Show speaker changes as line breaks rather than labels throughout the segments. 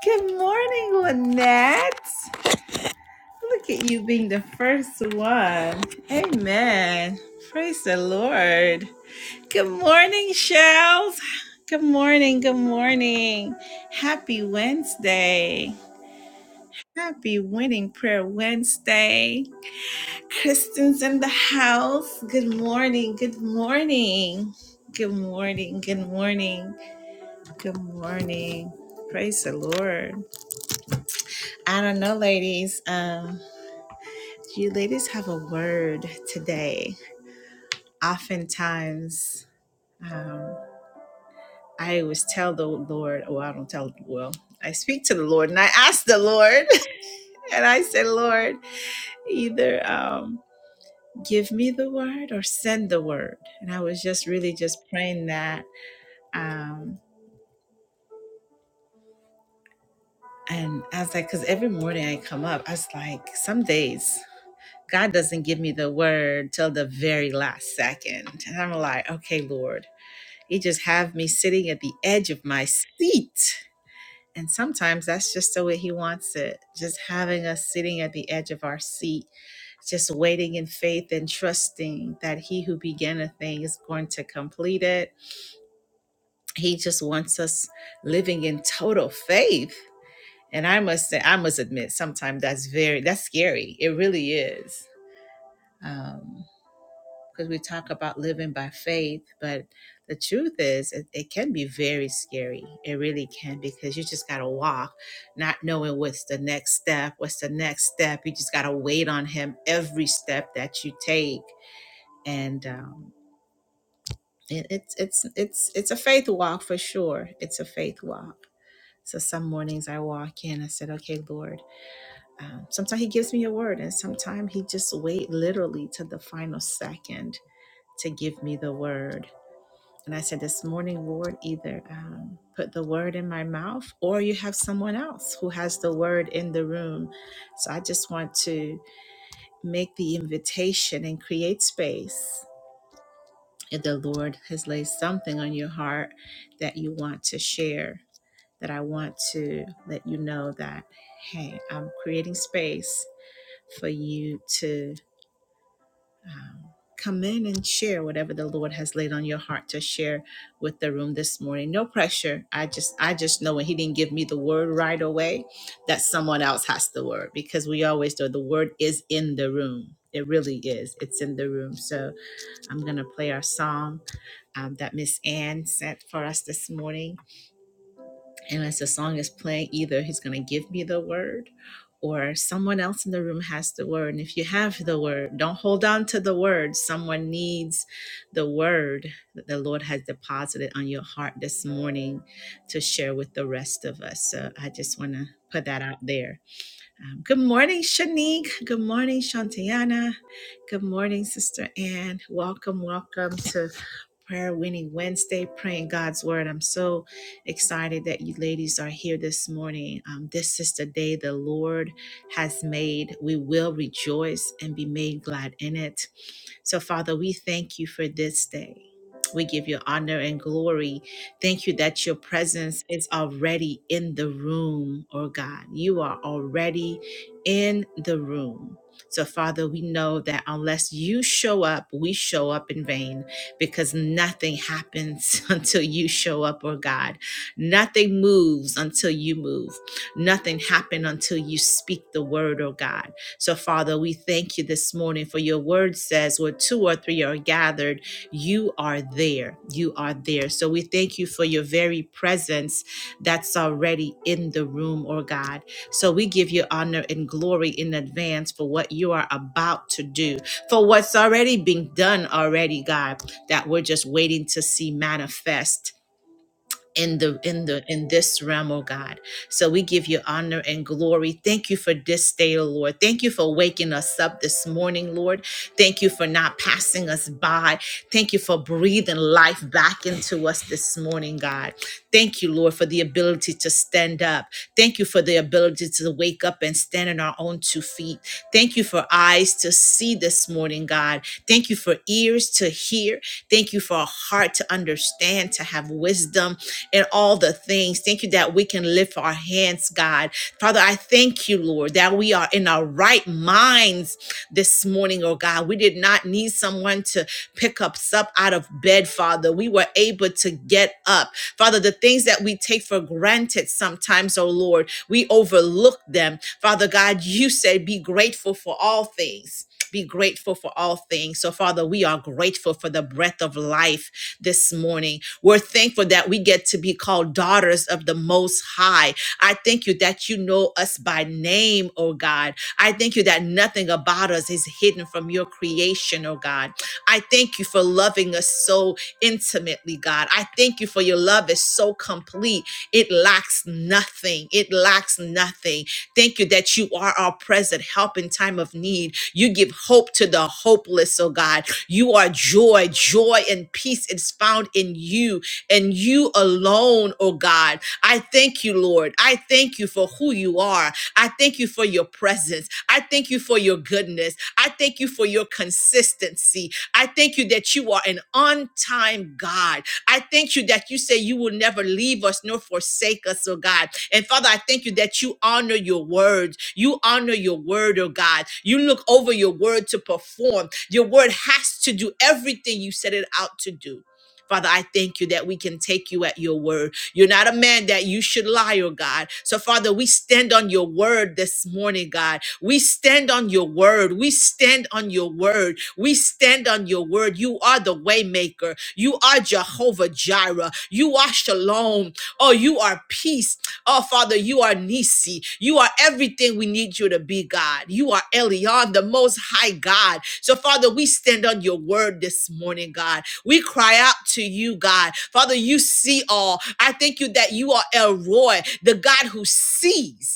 Good morning, Lynette. Look at you being the first one. Amen. Praise the Lord. Good morning, Shells. Good morning. Good morning. Happy Wednesday. Happy Winning Prayer Wednesday. Kristen's in the house. Good morning. Good morning. Good morning. Good morning. Good morning. Praise the Lord. I don't know, ladies. Um, You ladies have a word today. Oftentimes, um, I always tell the Lord, well, I don't tell, well, I speak to the Lord and I ask the Lord, and I say, Lord, either um, give me the word or send the word. And I was just really just praying that. Um, and I was like, because every morning I come up, I was like, some days God doesn't give me the word till the very last second. And I'm like, okay, Lord. He just have me sitting at the edge of my seat. And sometimes that's just the way he wants it. Just having us sitting at the edge of our seat, just waiting in faith and trusting that he who began a thing is going to complete it. He just wants us living in total faith. And I must say, I must admit, sometimes that's very, that's scary. It really is. Um, because we talk about living by faith, but the truth is, it, it can be very scary. It really can because you just got to walk, not knowing what's the next step, what's the next step. You just got to wait on Him every step that you take, and um, it, it's it's it's it's a faith walk for sure. It's a faith walk. So some mornings I walk in. I said, "Okay, Lord." Um, sometimes He gives me a word, and sometimes He just wait literally to the final second to give me the word And I said, This morning, Lord, either um, put the word in my mouth or you have someone else who has the word in the room. So I just want to make the invitation and create space. If the Lord has laid something on your heart that you want to share, that I want to let you know that, hey, I'm creating space for you to." um, come in and share whatever the lord has laid on your heart to share with the room this morning no pressure i just i just know when he didn't give me the word right away that someone else has the word because we always know the word is in the room it really is it's in the room so i'm going to play our song um, that miss ann sent for us this morning and as the song is playing, either he's going to give me the word or someone else in the room has the word. And if you have the word, don't hold on to the word. Someone needs the word that the Lord has deposited on your heart this morning to share with the rest of us. So I just want to put that out there. Um, good morning, Shanique. Good morning, Shantiana. Good morning, Sister Ann. Welcome, welcome to Prayer Winning Wednesday, praying God's Word. I'm so excited that you ladies are here this morning. Um, this is the day the Lord has made. We will rejoice and be made glad in it. So, Father, we thank you for this day. We give you honor and glory. Thank you that your presence is already in the room, oh God. You are already in the room. So, Father, we know that unless you show up, we show up in vain because nothing happens until you show up, oh God. Nothing moves until you move. Nothing happens until you speak the word, oh God. So, Father, we thank you this morning for your word says where two or three are gathered, you are there. You are there. So, we thank you for your very presence that's already in the room, or God. So, we give you honor and glory in advance for what you are about to do, for what's already been done already, God, that we're just waiting to see manifest in the in the in this realm oh god so we give you honor and glory thank you for this day oh lord thank you for waking us up this morning lord thank you for not passing us by thank you for breathing life back into us this morning god thank you lord for the ability to stand up thank you for the ability to wake up and stand on our own two feet thank you for eyes to see this morning god thank you for ears to hear thank you for a heart to understand to have wisdom and all the things. Thank you that we can lift our hands, God. Father, I thank you, Lord, that we are in our right minds this morning, oh God. We did not need someone to pick us up out of bed, Father. We were able to get up. Father, the things that we take for granted sometimes, oh Lord, we overlook them. Father God, you said be grateful for all things. Be grateful for all things. So, Father, we are grateful for the breath of life this morning. We're thankful that we get to be called daughters of the Most High. I thank you that you know us by name, oh God. I thank you that nothing about us is hidden from your creation, oh God. I thank you for loving us so intimately, God. I thank you for your love is so complete. It lacks nothing. It lacks nothing. Thank you that you are our present help in time of need. You give hope to the hopeless, oh God. You are joy. Joy and peace is found in you and you alone, oh God. I thank you, Lord. I thank you for who you are. I thank you for your presence. I thank you for your goodness. I thank you for your consistency. I thank you that you are an on time God. I thank you that you say you will never leave us nor forsake us, oh God. And Father, I thank you that you honor your words. You honor your word, oh God. You look over your word to perform. Your word has to do everything you set it out to do. Father, I thank you that we can take you at your word. You're not a man that you should lie, oh God. So, Father, we stand on your word this morning, God. We stand on your word. We stand on your word. We stand on your word. You are the waymaker. You are Jehovah Jireh. You are Shalom. Oh, you are peace. Oh, Father, you are Nisi. You are everything we need you to be, God. You are Elion, the most high God. So, Father, we stand on your word this morning, God. We cry out to you, God. Father, you see all. I thank you that you are El Roy, the God who sees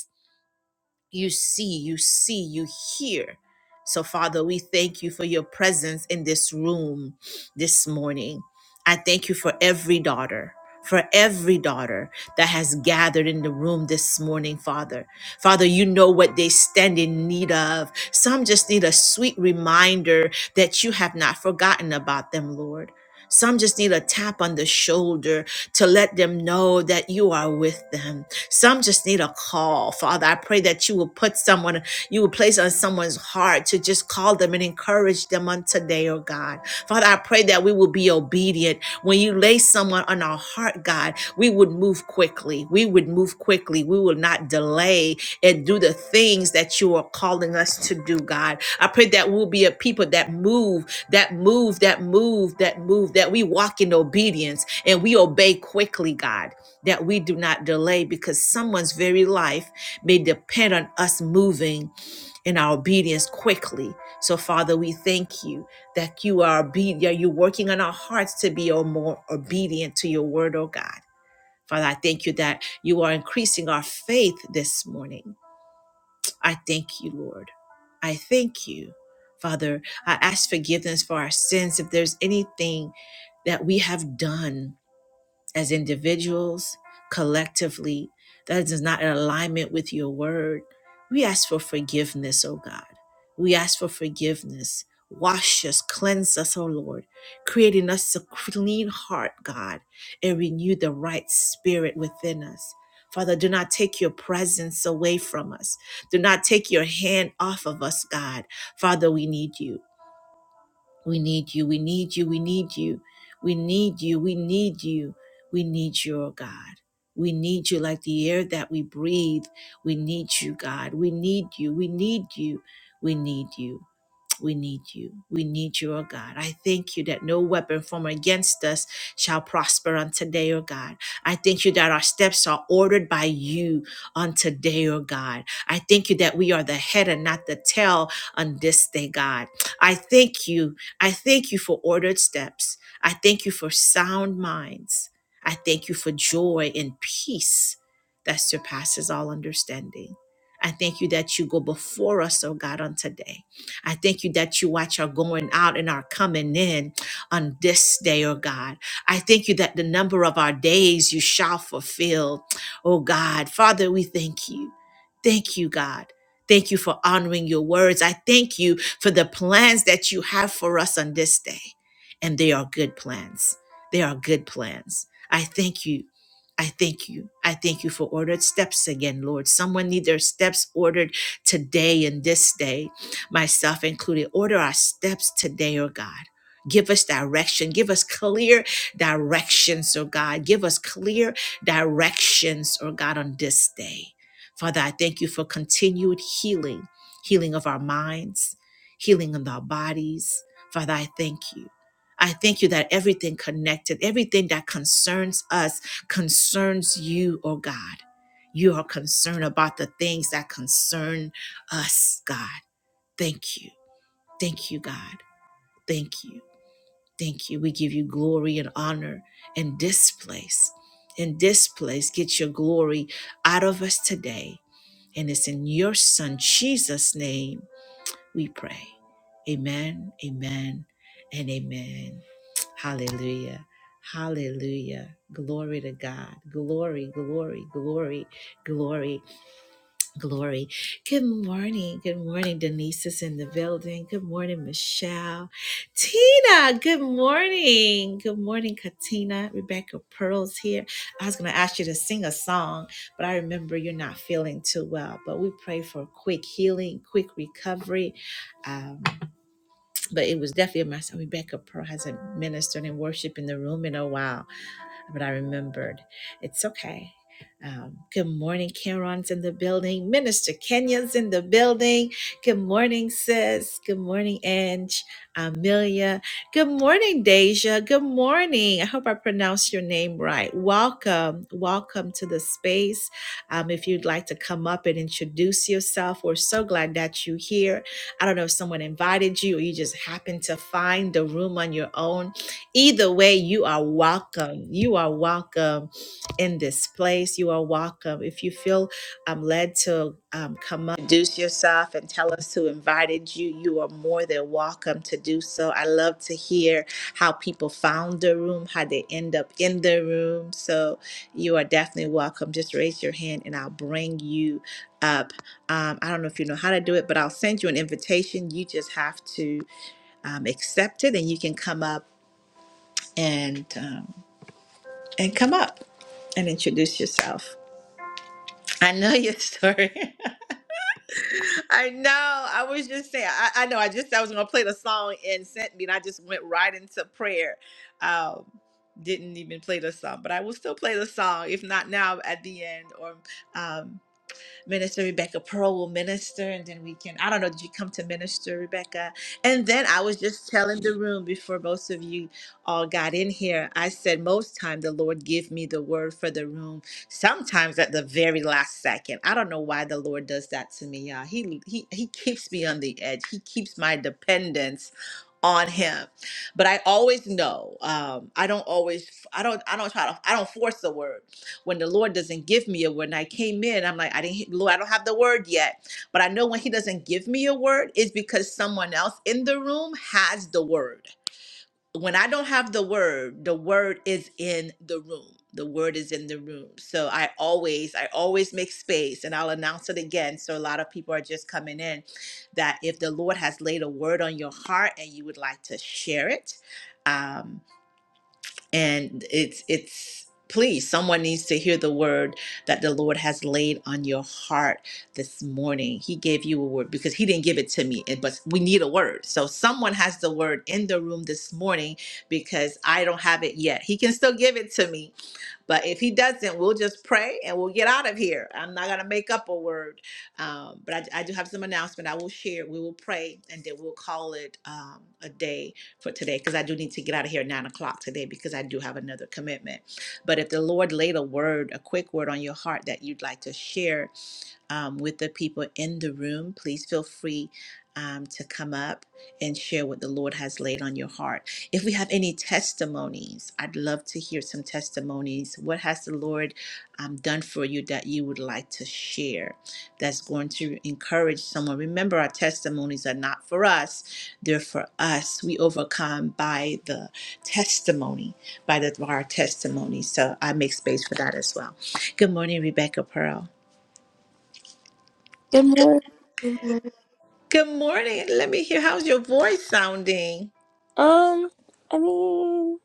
you see, you see, you hear. So, Father, we thank you for your presence in this room this morning. I thank you for every daughter. For every daughter that has gathered in the room this morning, Father. Father, you know what they stand in need of. Some just need a sweet reminder that you have not forgotten about them, Lord. Some just need a tap on the shoulder to let them know that you are with them some just need a call. Father, I pray that you will put someone, you will place on someone's heart to just call them and encourage them on today, oh God. Father, I pray that we will be obedient. When you lay someone on our heart, God, we would move quickly. We would move quickly. We will not delay and do the things that you are calling us to do, God. I pray that we'll be a people that move, that move, that move, that move, that we walk in obedience and we obey quickly, God that we do not delay because someone's very life may depend on us moving in our obedience quickly. So, Father, we thank you that you are obedient. You're working on our hearts to be oh, more obedient to your word, oh God. Father, I thank you that you are increasing our faith this morning. I thank you, Lord. I thank you. Father, I ask forgiveness for our sins if there's anything that we have done as individuals, collectively, that is not in alignment with your word. We ask for forgiveness, oh God. We ask for forgiveness. Wash us, cleanse us, oh Lord, creating us a clean heart, God, and renew the right spirit within us. Father, do not take your presence away from us. Do not take your hand off of us, God. Father, we need you. We need you. We need you. We need you. We need you. We need you. We need you, oh God. We need you like the air that we breathe. We need you, God. We need you. We need you. We need you. We need you. We need you, oh God. I thank you that no weapon formed against us shall prosper on today, oh God. I thank you that our steps are ordered by you on today, oh God. I thank you that we are the head and not the tail on this day, God. I thank you. I thank you for ordered steps. I thank you for sound minds. I thank you for joy and peace that surpasses all understanding. I thank you that you go before us, oh God, on today. I thank you that you watch our going out and our coming in on this day, oh God. I thank you that the number of our days you shall fulfill, oh God. Father, we thank you. Thank you, God. Thank you for honoring your words. I thank you for the plans that you have for us on this day. And they are good plans. They are good plans. I thank you. I thank you. I thank you for ordered steps again, Lord. Someone need their steps ordered today and this day myself included. Order our steps today, oh God. Give us direction. Give us clear directions, oh God. Give us clear directions, oh God, on this day. Father, I thank you for continued healing, healing of our minds, healing of our bodies. Father, I thank you. I thank you that everything connected, everything that concerns us concerns you, oh God. You are concerned about the things that concern us, God. Thank you. Thank you, God. Thank you. Thank you. We give you glory and honor in this place. In this place, get your glory out of us today. And it's in your Son, Jesus' name, we pray. Amen, amen, and amen. Hallelujah. Hallelujah. Glory to God. Glory, glory, glory, glory. Glory. Good morning. Good morning. Denise is in the building. Good morning, Michelle. Tina, good morning. Good morning, Katina. Rebecca Pearl's here. I was going to ask you to sing a song, but I remember you're not feeling too well. But we pray for quick healing, quick recovery. Um, but it was definitely a mess. Rebecca Pearl hasn't ministered and worship in the room in a while but I remembered it's okay. Um, good morning, Karon's in the building. Minister Kenya's in the building. Good morning, sis. Good morning, Ange, Amelia. Good morning, Deja. Good morning. I hope I pronounced your name right. Welcome. Welcome to the space. Um, if you'd like to come up and introduce yourself, we're so glad that you're here. I don't know if someone invited you or you just happened to find the room on your own Either way, you are welcome. You are welcome in this place. You are welcome. If you feel um, led to um, come up, introduce yourself and tell us who invited you, you are more than welcome to do so. I love to hear how people found the room, how they end up in the room. So you are definitely welcome. Just raise your hand and I'll bring you up. Um, I don't know if you know how to do it, but I'll send you an invitation. You just have to um, accept it and you can come up and um, and come up and introduce yourself. I know your story. I know. I was just saying. I, I know. I just I was gonna play the song and sent me, and I just went right into prayer. Um, didn't even play the song, but I will still play the song. If not now, at the end, or um, Minister Rebecca Pearl will minister, and then we can. I don't know. Did you come to minister, Rebecca? And then I was just telling the room before most of you all got in here. I said most time the Lord give me the word for the room. Sometimes at the very last second. I don't know why the Lord does that to me, y'all. He he he keeps me on the edge. He keeps my dependence on him but i always know um i don't always i don't i don't try to i don't force the word when the lord doesn't give me a word and i came in i'm like i didn't lord i don't have the word yet but i know when he doesn't give me a word it's because someone else in the room has the word when I don't have the word, the word is in the room. The word is in the room. So I always, I always make space and I'll announce it again. So a lot of people are just coming in that if the Lord has laid a word on your heart and you would like to share it, um, and it's it's please someone needs to hear the word that the lord has laid on your heart this morning he gave you a word because he didn't give it to me and- but we need a word so someone has the word in the room this morning because i don't have it yet he can still give it to me but if he doesn't, we'll just pray and we'll get out of here. I'm not going to make up a word. Um, but I, I do have some announcement I will share. We will pray and then we'll call it um, a day for today because I do need to get out of here at nine o'clock today because I do have another commitment. But if the Lord laid a word, a quick word on your heart that you'd like to share, um, with the people in the room, please feel free um, to come up and share what the Lord has laid on your heart. If we have any testimonies, I'd love to hear some testimonies. What has the Lord um, done for you that you would like to share that's going to encourage someone? Remember, our testimonies are not for us, they're for us. We overcome by the testimony, by the, by our testimony. So I make space for that as well. Good morning, Rebecca Pearl.
Good morning. Good morning.
Good morning. Let me hear how's your voice sounding?
Um, I mean,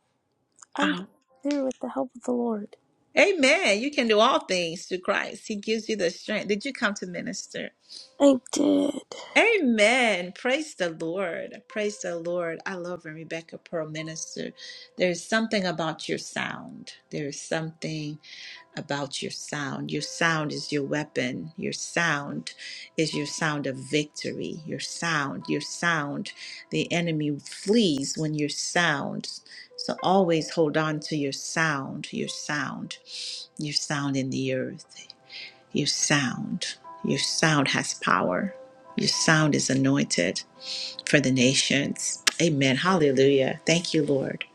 I'm
Oh,
getting through with the help of the Lord.
amen. You can do all things through Christ. He gives you the strength. Did you come to minister?
I did.
Amen. Praise the Lord. Praise the Lord. I love when Rebecca Pearl minister. There's something about your sound. There's something. about your sound. Your sound is your weapon. Your sound is your sound of victory. Your sound, your sound. The enemy flees when your sound. So always hold on to your sound, your sound, your sound in the earth. Your sound. Your sound has power. Your sound is anointed for the nations. Amen. Hallelujah. Thank you, Lord.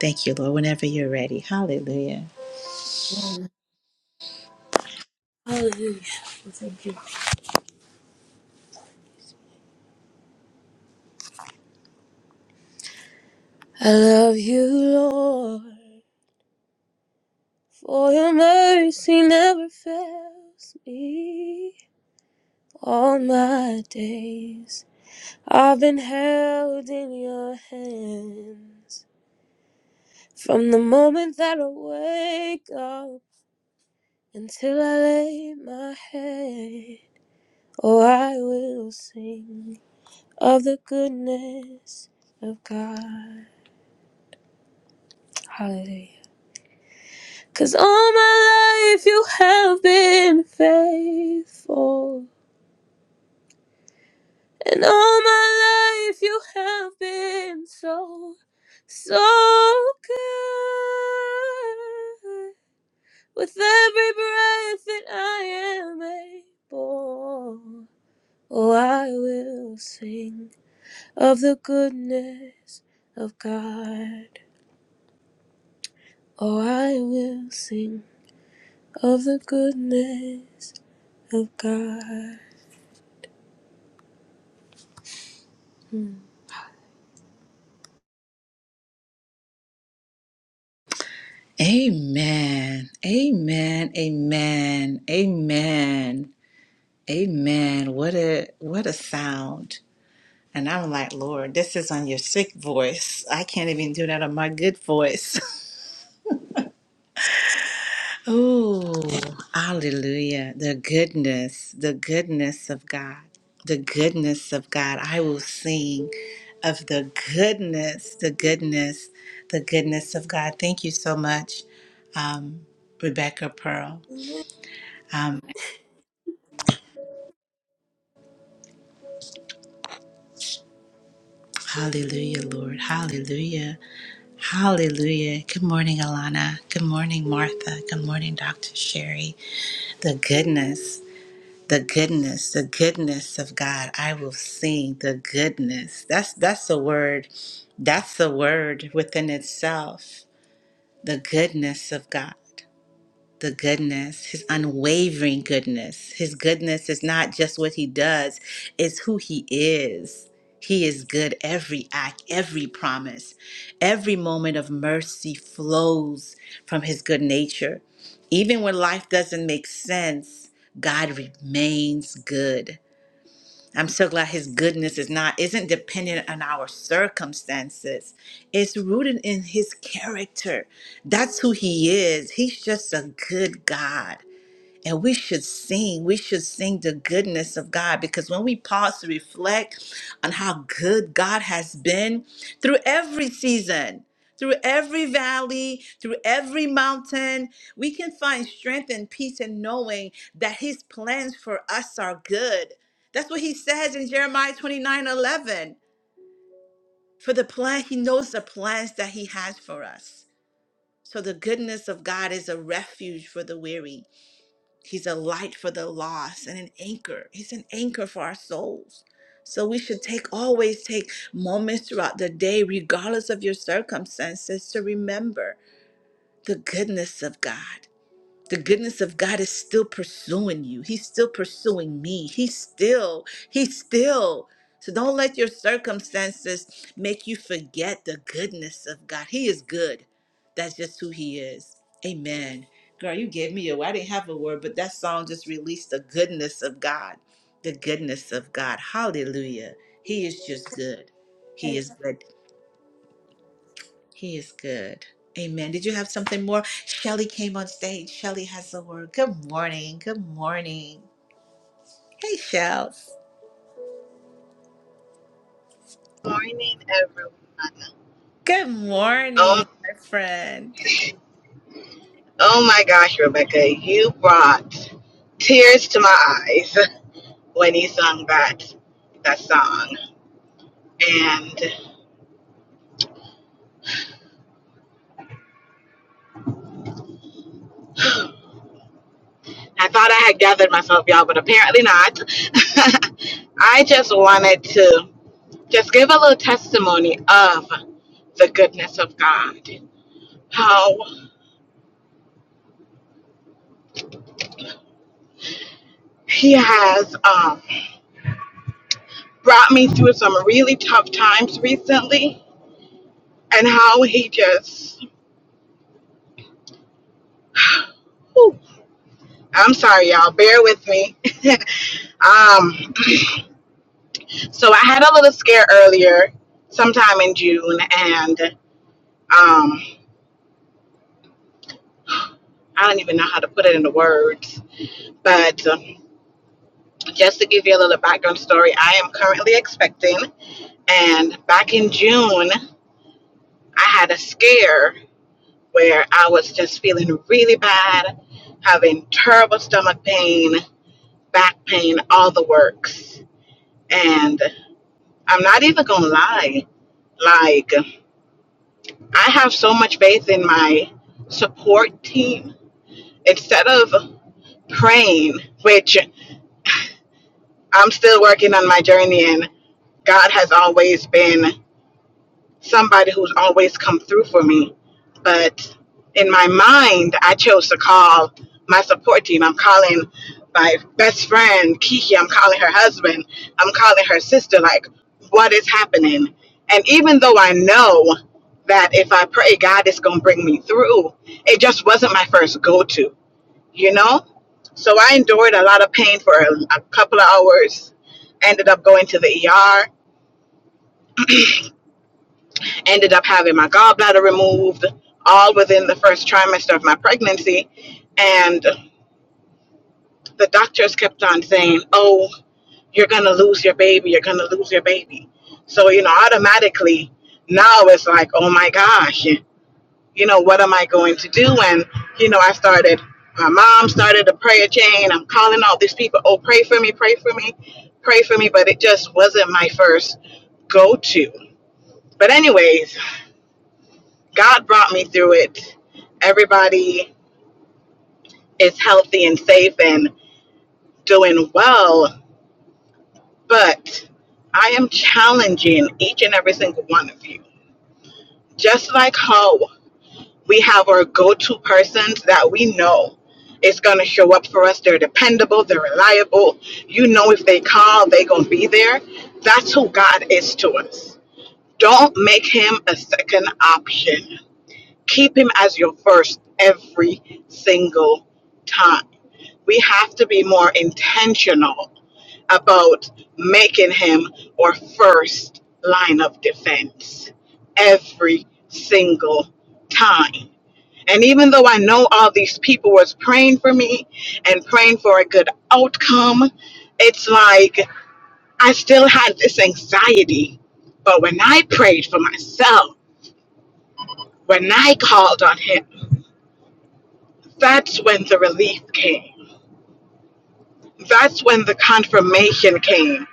Thank you, Lord. Whenever you're ready. Hallelujah.
Mm. Hallelujah. Thank you. I love you, Lord, for your mercy never fails me. All my days I've been held in your hands. From the moment that I wake up until I lay my head. Oh, I will sing of the goodness of God. Hallelujah. Cause all my life you have been faithful. And all my life you have been so, so good. With every breath that I am able, oh, I will sing of the goodness of God. Oh, I will sing of the goodness of God.
Amen. Amen. Amen. Amen. Amen. What a what a sound. And I'm like, Lord, this is on your sick voice. I can't even do that on my good voice. oh, hallelujah. The goodness, the goodness of God. The goodness of God. I will sing of the goodness, the goodness, the goodness of God. Thank you so much, um, Rebecca Pearl.
Mm.
Um, Hallelujah, Lord. Hallelujah. Hallelujah. Good morning, Alana. Good morning, Martha. Good morning, Dr. Sherry. The goodness, the goodness, the goodness of God. I will sing the goodness. That's that's the word. That's the word within itself. The goodness of God the goodness, his unwavering goodness. His goodness is not just what he does, it's who he is. He is good every act, every promise. Every moment of mercy flows from his good nature. Even when life doesn't make sense, God remains good. I'm so glad his goodness is not isn't dependent on our circumstances. It's rooted in his character. That's who he is. He's just a good God. And we should sing. We should sing the goodness of God because when we pause to reflect on how good God has been through every season, through every valley, through every mountain, we can find strength and peace in knowing that His plans for us are good. That's what He says in Jeremiah 29 11. For the plan, He knows the plans that He has for us. So the goodness of God is a refuge for the weary He's a light for the lost and an anchor. He's an anchor for our souls. So we should take always take moments throughout the day, regardless of your circumstances, to remember the goodness of God the goodness of God is still pursuing you. He's still pursuing me. He's still, he's still. So don't let your circumstances make you forget the goodness of God. He is good. That's just who he is. Amen. Girl, you gave me a word. I didn't have a word, but that song just released the goodness of God. The goodness of God. Hallelujah. He is just good. He is good. He is good. Amen. Did you have something more? Shelly came on stage. Shelly has the word. Good morning. Good morning. Hey, Shells.
morning, everyone.
Good morning,
Oh,
my friend.
oh my gosh, Rebecca, you brought tears to my eyes when he sung that that song, and I thought I had gathered myself, y'all, but apparently not. I just wanted to just give a little testimony of the goodness of God, how He has um, brought me through some really tough times recently, and how He just. whew, I'm sorry, y'all. Bear with me. um, so I had a little scare earlier, sometime in June, and um, I don't even know how to put it into words. But um, just to give you a little background story, I am currently expecting, and back in June, I had a scare where I was just feeling really bad, having terrible stomach pain, back pain, all the works, and I'm not even gonna lie. Like, I have so much faith in my support team. Instead of praying, which I'm still working on my journey, and God has always been somebody who's always come through for me. But in my mind, I chose to call my support team. I'm calling my best friend, Kiki. I'm calling her husband. I'm calling her sister. Like, what is happening? And even though I know that if I pray, God is going to bring me through, it just wasn't my first go to, you know? So I endured a lot of pain for a, a couple of hours, ended up going to the ER ended up having my gallbladder removed all within the first trimester of my pregnancy. And the doctors kept on saying, Oh, you're going to lose your baby. You're going to lose your baby. So, you know, automatically now it's like, Oh my gosh, you know, what am I going to do? And, you know, I started, my mom started a prayer chain. I'm calling all these people, Oh, pray for me, pray for me, pray for me. But it just wasn't my first go to. But, anyways, God brought me through it. Everybody is healthy and safe and doing well, but I am challenging each and every single one of you. Just like how we have our go to persons that we know is going to show up for us, they're dependable, they're reliable. You know, if they call, they're going to be there. That's who God is to us. Don't make him a second option Keep Him as your first every single time. We have to be more intentional about making him our first line of defense every single time. And even though I know all these people was praying for me and praying for a good outcome, it's like I still had this anxiety. But when I prayed for myself, when I called on him, That's when the relief came. That's when the confirmation came.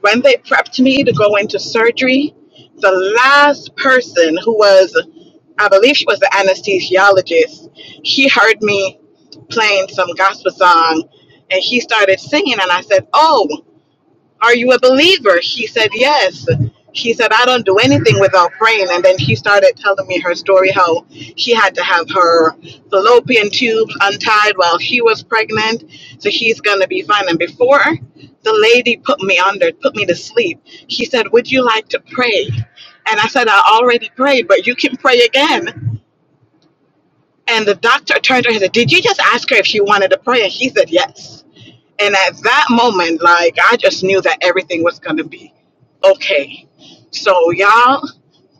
When they prepped me to go into surgery, the last person who was, I believe she was the anesthesiologist, she heard me playing some gospel song and she started singing. And I said, Oh, are you a believer? She said, Yes. She said, I don't do anything without praying. And then she started telling me her story how she had to have her fallopian tubes untied while she was pregnant. So she's going to be fine. And before the lady put me under, put me to sleep, she said, Would you like to pray? And I said, I already prayed, but you can pray again. And the doctor turned to her and said, Did you just ask her if she wanted to pray? And she said, Yes. And at that moment, like I just knew that everything was gonna be okay. So y'all,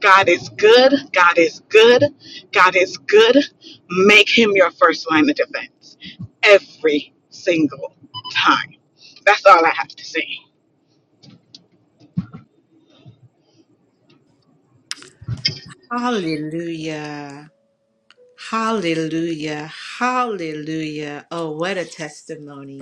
God is good, God is good, God is good. Make him your first line of defense every single time. That's all I have to say.
Hallelujah. Hallelujah. Hallelujah. Oh, what a testimony.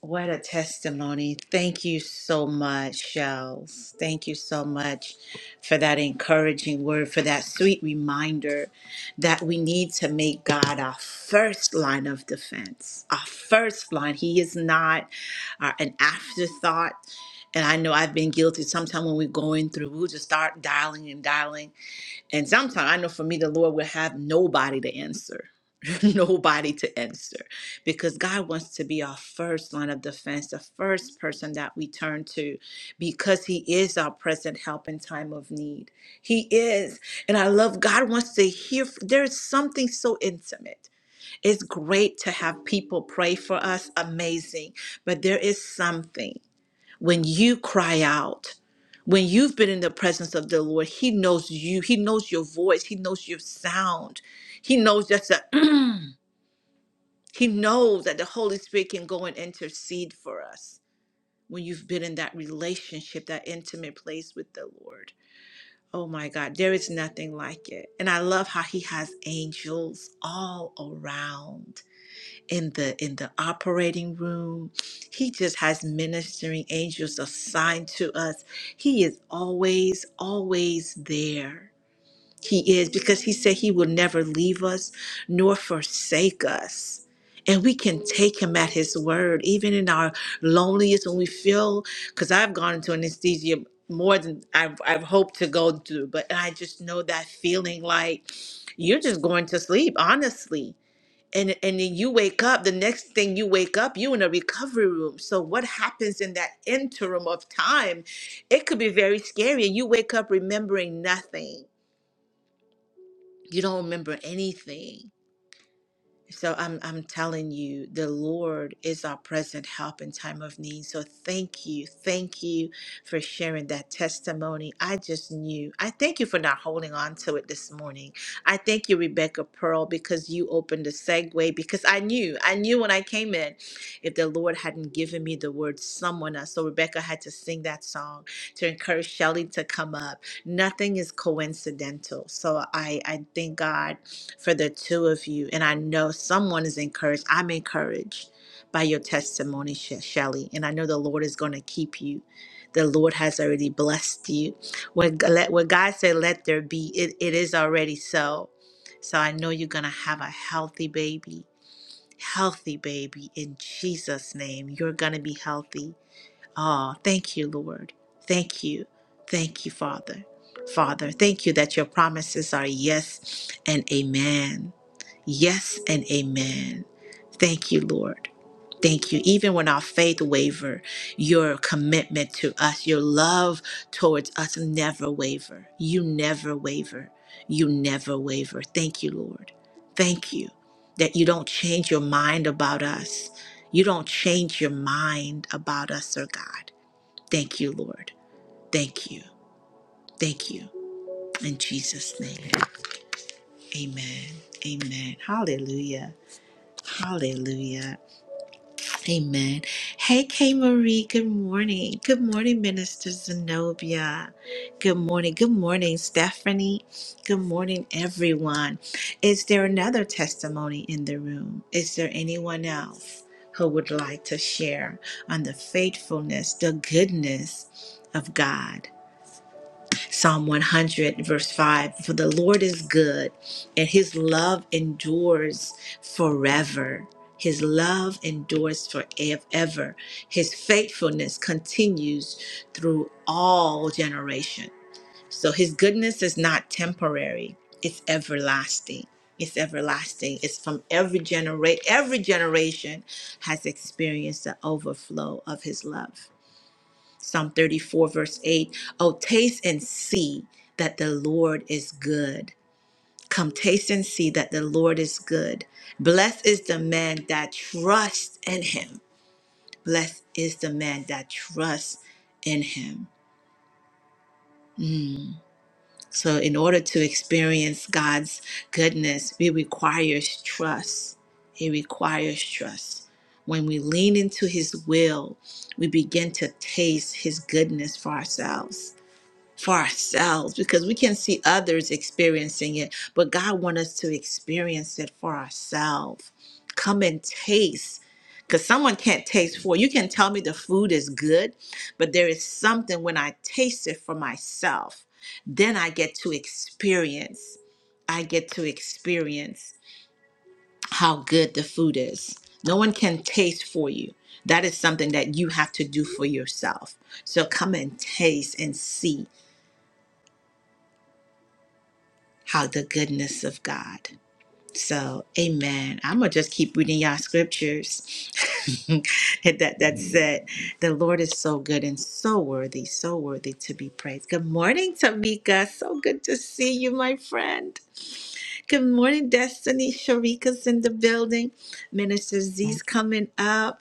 What a testimony. Thank you so much, Shells. Thank you so much for that encouraging word, for that sweet reminder that we need to make God our first line of defense, our first line. He is not uh, an afterthought. And I know I've been guilty. Sometimes when we're going through, we'll just start dialing and dialing. And sometimes I know for me, the Lord will have nobody to answer, nobody to answer, because God wants to be our first line of defense, the first person that we turn to, because He is our present help in time of need. He is. And I love God wants to hear. There's something so intimate. It's great to have people pray for us, amazing, but there is something when you cry out, when you've been in the presence of the Lord, He knows you. He knows your voice. He knows your sound. He knows just that. he knows that the Holy Spirit can go and intercede for us when you've been in that relationship, that intimate place with the Lord. Oh my God, there is nothing like it. And I love how He has angels all around in the in the operating room he just has ministering angels assigned to us he is always always there he is because he said he will never leave us nor forsake us and we can take him at his word even in our loneliest when we feel because i've gone into anesthesia more than I've, I've hoped to go through but i just know that feeling like you're just going to sleep honestly and and then you wake up the next thing you wake up you in a recovery room so what happens in that interim of time it could be very scary and you wake up remembering nothing you don't remember anything so I'm I'm telling you, the Lord is our present help in time of need. So thank you, thank you for sharing that testimony. I just knew. I thank you for not holding on to it this morning. I thank you, Rebecca Pearl, because you opened the segue. Because I knew, I knew when I came in, if the Lord hadn't given me the word someone else. So Rebecca had to sing that song to encourage Shelley to come up. Nothing is coincidental. So I I thank God for the two of you. And I know someone is encouraged. I'm encouraged by your testimony, she- Shelly. And I know the Lord is going to keep you. The Lord has already blessed you. When, G- let, when God said, let there be, it, it is already so. So I know you're going to have a healthy baby. Healthy baby in Jesus' name. You're going to be healthy Ah, oh, thank you, Lord. Thank you. Thank you, Father. Father, thank you that your promises are yes and amen. Yes and amen. Thank you, Lord. Thank you. Even when our faith waver, your commitment to us, your love towards us never waver. You never waver. You never waver. Thank you, Lord. Thank you that you don't change your mind about us. You don't change your mind about us, oh God. Thank you, Lord. Thank you. Thank you. In Jesus' name. Amen. Amen. Hallelujah. Hallelujah. Amen. Hey, K Marie. Good morning. Good morning, Minister Zenobia. Good morning. Good morning, Stephanie. Good morning, everyone. Is there another testimony in the room? Is there anyone else who would like to share on the faithfulness, the goodness of God? Psalm 100, verse 5 For the Lord is good, and his love endures forever. His love endures forever. His faithfulness continues through all generation. So his goodness is not temporary, it's everlasting. It's everlasting. It's from every generation. Every generation has experienced the overflow of his love. Psalm 34, verse 8. Oh, taste and see that the Lord is good. Come, taste and see that the Lord is good. Blessed is the man that trusts in him. Blessed is the man that trusts in him. So, in order to experience God's goodness, it requires trust. It requires trust. When we lean into his will, we begin to taste his goodness for ourselves for ourselves because we can see others experiencing it, but God wants us to experience it for ourselves. Come and taste. Because someone can't taste for you can tell me the food is good, but there is something when I taste it for myself, then I get to experience. I get to experience how good the food is. No one can taste for you. That is something that you have to do for yourself. So come and taste and see how the goodness of God. So, amen. I'm going to just keep reading y'all scriptures. And that that said, the Lord is so good and so worthy, so worthy to be praised. Good morning, Tamika. So good to see you, my friend. Good morning, Destiny. Sharika's in the building. Minister Z's coming up.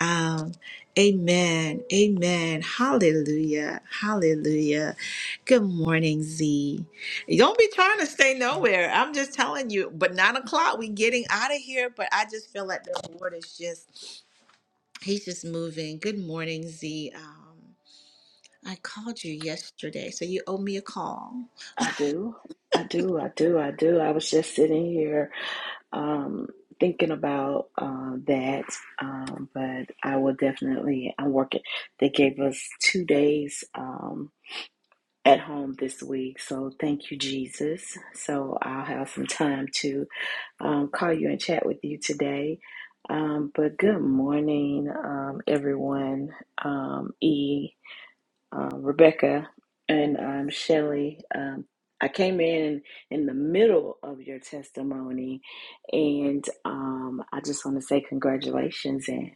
Um, amen. Amen. Hallelujah. Hallelujah. Good morning, Z. You Don't be trying to stay nowhere. I'm just telling you. But nine o'clock, we getting out of here. But I just feel like the Lord is just, He's just moving. Good morning, Z. Um, I called you yesterday, so you owe me a call.
I do. I do. I do. I do. I was just sitting here um, thinking about uh, that, um, but I will definitely. I'm working. They gave us two days um, at home this week, so thank you, Jesus. So I'll have some time to um, call you and chat with you today. Um, but good morning, um, everyone. Um, e uh, Rebecca and um, Shelly. Um, I came in in the middle of your testimony, and um, I just want to say congratulations and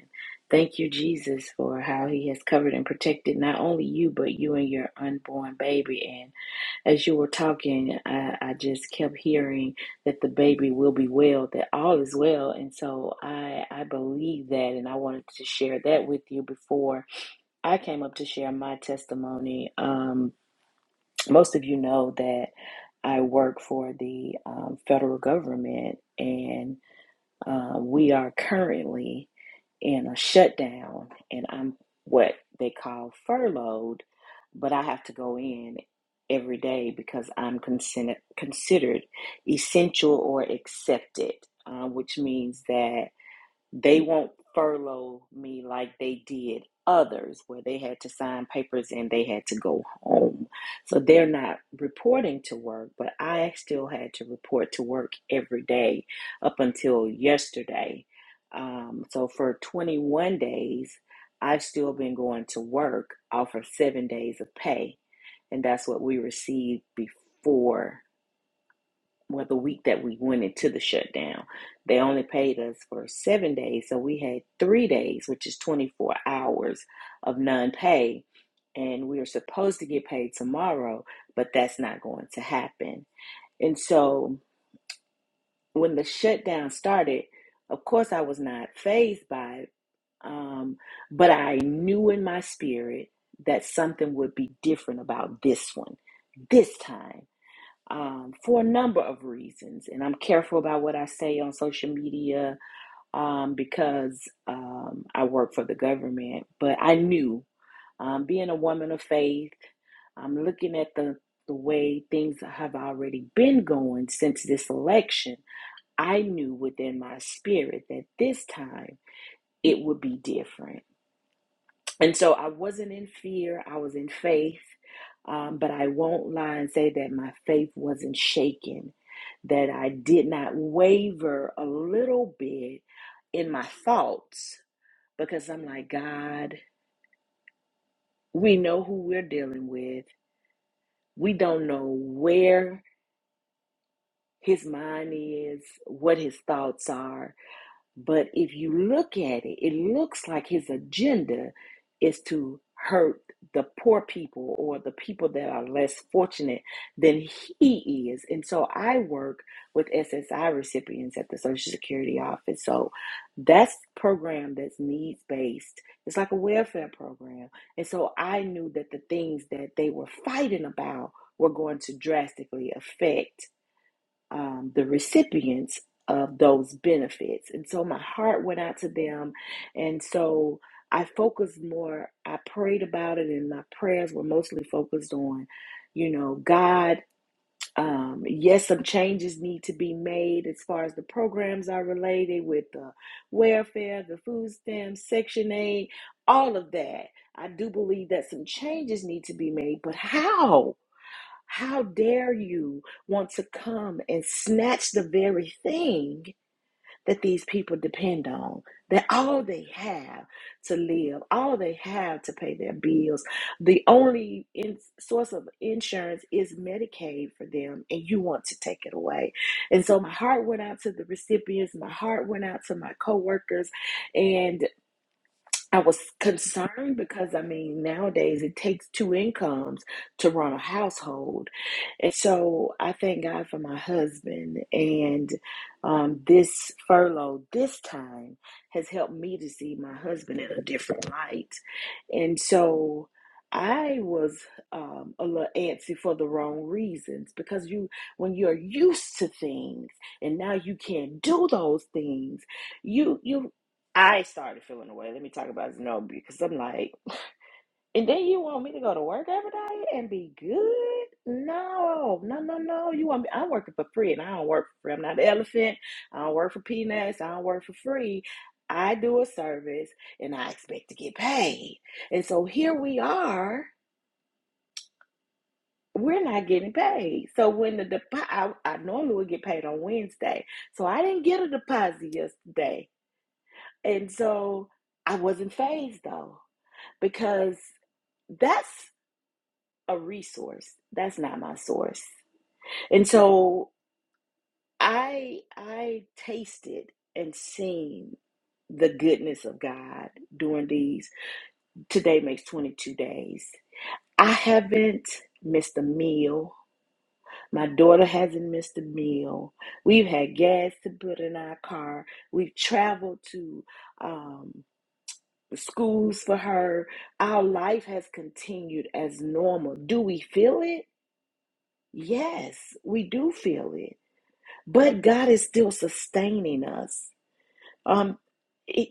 thank you, Jesus, for how He has covered and protected not only you, but you and your unborn baby. And as you were talking, I, I just kept hearing that the baby will be well, that all is well. And so I, I believe that, and I wanted to share that with you before. I came up to share my testimony. Um, most of you know that I work for the um, federal government, and uh, we are currently in a shutdown, and I'm what they call furloughed, but I have to go in every day because I'm consider- considered essential or accepted, uh, which means that they won't furlough me like they did others, where they had to sign papers and they had to go home. So they're not reporting to work, but I still had to report to work every day up until yesterday. Um, so for 21 days, I've still been going to work off of seven days of pay, and that's what we received before well, the week that we went into the shutdown, they only paid us for seven days. So we had three days, which is 24 hours of non pay. And we are supposed to get paid tomorrow, but that's not going to happen. And so when the shutdown started, of course, I was not phased by it, um, but I knew in my spirit that something would be different about this one, this time um, for a number of reasons. And I'm careful about what I say on social media um, because um, I work for the government. But I knew, um, being a woman of faith, I'm looking at the, the way things have already been going since this election. I knew within my spirit that this time it would be different and so I wasn't in fear, I was in faith. Um, but I won't lie and say that my faith wasn't shaken, that I did not waver a little bit in my thoughts because I'm like, God, we know who we're dealing with. We don't know where his mind is, what his thoughts are. But if you look at it, it looks like his agenda is to hurt the poor people or the people that are less fortunate than he is. And so I work with SSI recipients at the Social Security office. So that's a program that's needs based. It's like a welfare program. And so I knew that the things that they were fighting about were going to drastically affect um, the recipients of those benefits. And so my heart went out to them. And so I focused more, I prayed about it, and my prayers were mostly focused on, you know, God. Um, yes, some changes need to be made as far as the programs are related with the welfare, the food stamps, Section 8, all of that. I do believe that some changes need to be made, but how? How dare you want to come and snatch the very thing that these people depend on, that all they have to live, all they have to pay their bills? The only in- source of insurance is Medicaid for them, and you want to take it away. And so my heart went out to the recipients, my heart went out to my coworkers, and. I was concerned because I mean, nowadays it takes two incomes to run a household. And so I thank God for my husband. And um, this furlough this time has helped me to see my husband in a different light. And so I was um, a little antsy for the wrong reasons because you, when you're used to things and now you can't do those things, you you I started feeling away. Let me talk about Zenobia because I'm like, and then you want me to go to work every day and be good? No, no, no, no. You want me? I'm working for free, and I don't work for free. I'm not an elephant. I don't work for peanuts. I don't work for free. I do a service, and I expect to get paid. And so here we are. We're not getting paid. So when the deposit, I, I normally would get paid on Wednesday. So I didn't get a deposit yesterday, and so I wasn't phased though. because that's a resource. That's not my source. And so I I tasted and seen the goodness of God during these today makes 22 days. I haven't missed a meal. My daughter hasn't missed a meal. We've had gas to put in our car. We've traveled to um, schools for her. Our life has continued as normal. Do we feel it? Yes, we do feel it, but God is still sustaining us. Um, it,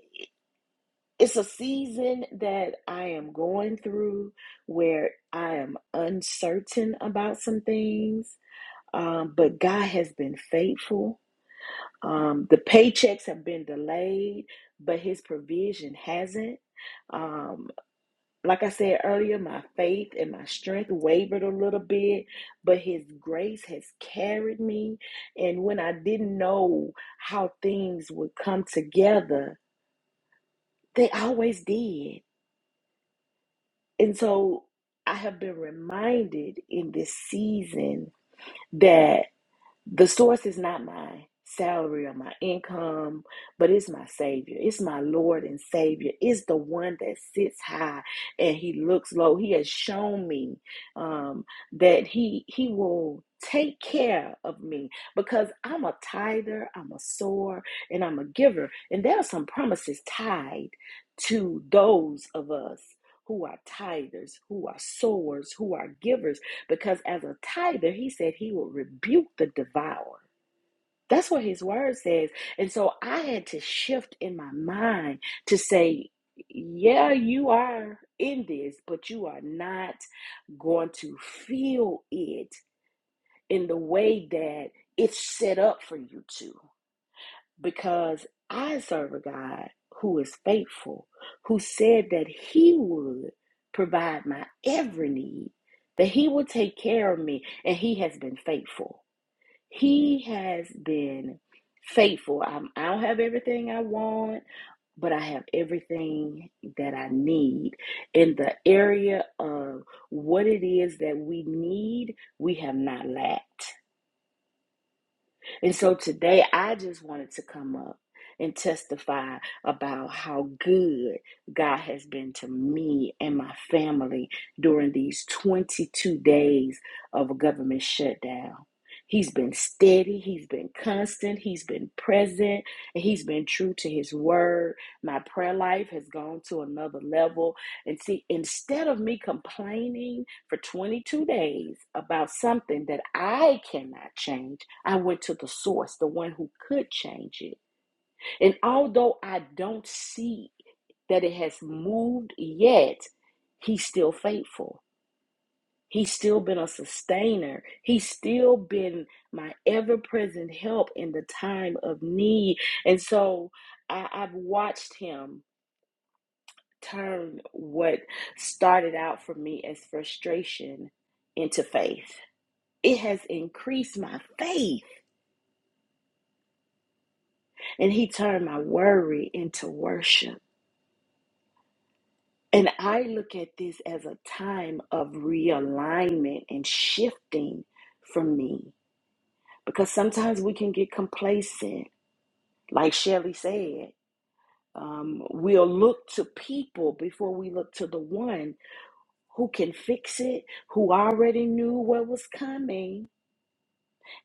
it's a season that I am going through where I am uncertain about some things, um, but God has been faithful. Um, the paychecks have been delayed, but His provision hasn't. Um. like I said earlier, my faith and my strength wavered a little bit, but His grace has carried me. And when I didn't know how things would come together, they always did. And so I have been reminded in this season that. The source is not my salary or my income, but it's my Savior. It's my Lord and Savior. It's the one that sits high and He looks low. He has shown me um, that He He will take care of me because I'm a tither, I'm a sower, and I'm a giver. And there are some promises tied to those of us. Who are tithers, who are sowers, who are givers because as a tither, he said he will rebuke the devourer. That's what his word says. And so I had to shift in my mind to say, yeah, you are in this, but you are not going to feel it in the way that it's set up for you to because I serve a God who is faithful, who said that He would provide my every need, that He will take care of me, and He has been faithful. He has been faithful. I'm, I don't have everything I want, but I have everything that I need. In the area of what it is that we need, we have not lacked. And so today I just wanted to come up and testify about how good God has been to me and my family during these 22 days of a government shutdown. He's been steady, he's been constant, he's been present, and he's been true to his word. My prayer life has gone to another level and see, instead of me complaining for 22 days about something that I cannot change, I went to the source, the one who could change it. And although I don't see that it has moved yet, he's still faithful. He's still been a sustainer. He's still been my ever present help in the time of need. And so I, I've watched him turn what started out for me as frustration into faith. It has increased my faith, and He turned my worry into worship. And I look at this as a time of realignment and shifting for me because sometimes we can get complacent. Like Shelley said, um, we'll look to people before we look to the one who can fix it, who already knew what was coming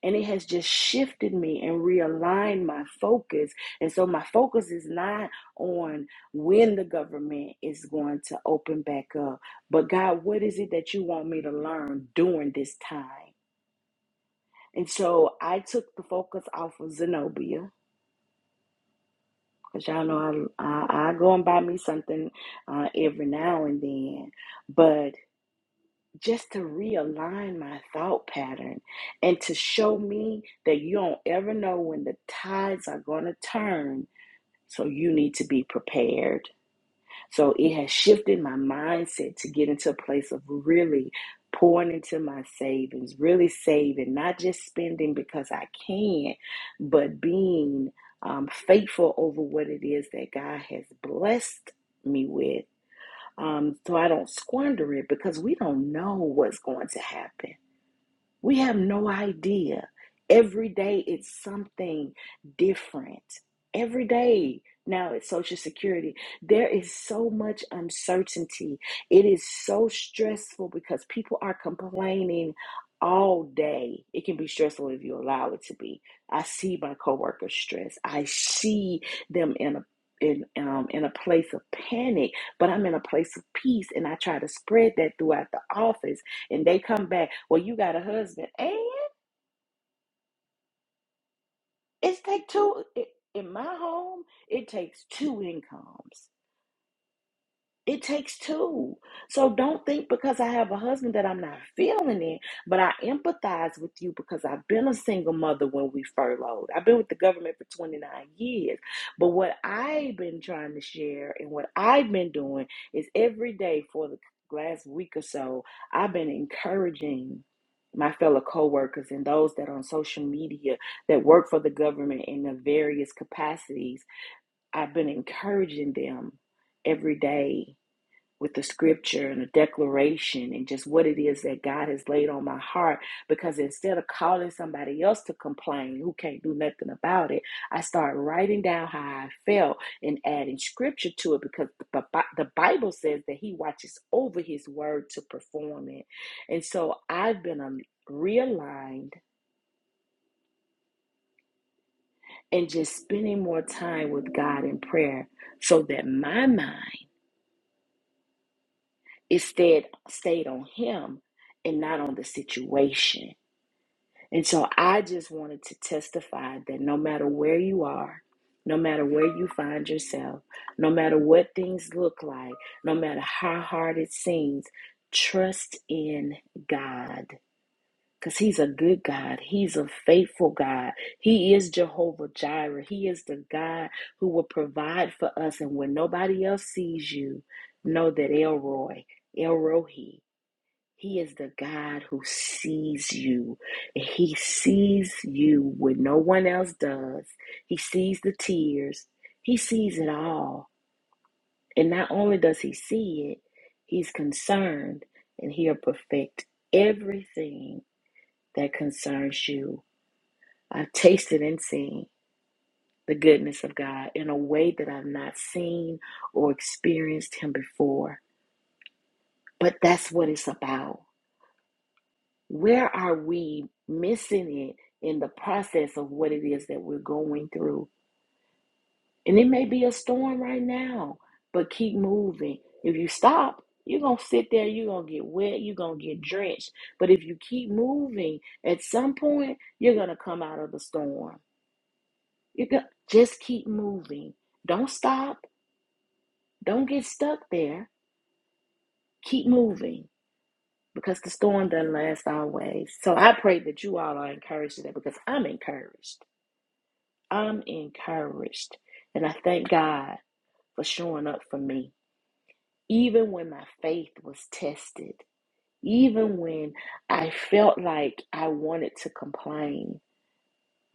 and it has just shifted me and realigned my focus and so my focus is not on when the government is going to open back up but god what is it that you want me to learn during this time and so i took the focus off of zenobia because y'all know I, I, I go and buy me something uh, every now and then but just to realign my thought pattern and to show me that you don't ever know when the tides are going to turn. So you need to be prepared. So it has shifted my mindset to get into a place of really pouring into my savings, really saving, not just spending because I can, but being um, faithful over what it is that God has blessed me with um, so I don't squander it because we don't know what's going to happen. We have no idea. Every day it's something different. Every day now it's Social Security. There is so much uncertainty. It is so stressful because people are complaining all day. It can be stressful if you allow it to be. I see my coworkers stressed. I see them in a in um in a place of panic, but I'm in a place of peace and I try to spread that throughout the office and they come back. Well, you got a husband, and it's take two. i- In my home, it takes two incomes. It takes two. So don't think because I have a husband that I'm not feeling it, but I empathize with you because I've been a single mother when we furloughed. I've been with the government for 29 years. But what I've been trying to share and what I've been doing is every day for the last week or so, I've been encouraging my fellow co-workers and those that are on social media that work for the government in the various capacities. I've been encouraging them every day with the scripture and the declaration and just what it is that God has laid on my heart. Because instead of calling somebody else to complain who can't do nothing about it, I start writing down how I felt and adding scripture to it because the, the Bible says that He watches over His word to perform it. And so I've been um, realigned and just spending more time with God in prayer so that my mind is stayed, stayed on Him and not on the situation. And so I just wanted to testify that no matter where you are, no matter where you find yourself, no matter what things look like, no matter how hard it seems, trust in God. Because He's a good God. He's a faithful God. He is Jehovah Jireh. He is the God who will provide for us. And when nobody else sees you, know that Elroy, Elrohi, he is the God who sees you. He sees you when no one else does. He sees the tears. He sees it all. And not only does he see it, he's concerned and he'll perfect everything that concerns you. I've tasted and seen the goodness of God in a way that I've not seen or experienced him before. But that's what it's about. Where are we missing it in the process of what it is that we're going through? And it may be a storm right now, but keep moving. If you stop, you're going to sit there, you're going to get wet, you're going to get drenched. But if you keep moving, at some point, you're going to come out of the storm. You go- just keep moving. Don't stop. Don't get stuck there. Keep moving because the storm doesn't last always. So I pray that you all are encouraged today because I'm encouraged. I'm encouraged. And I thank God for showing up for me. Even when my faith was tested, even when I felt like I wanted to complain,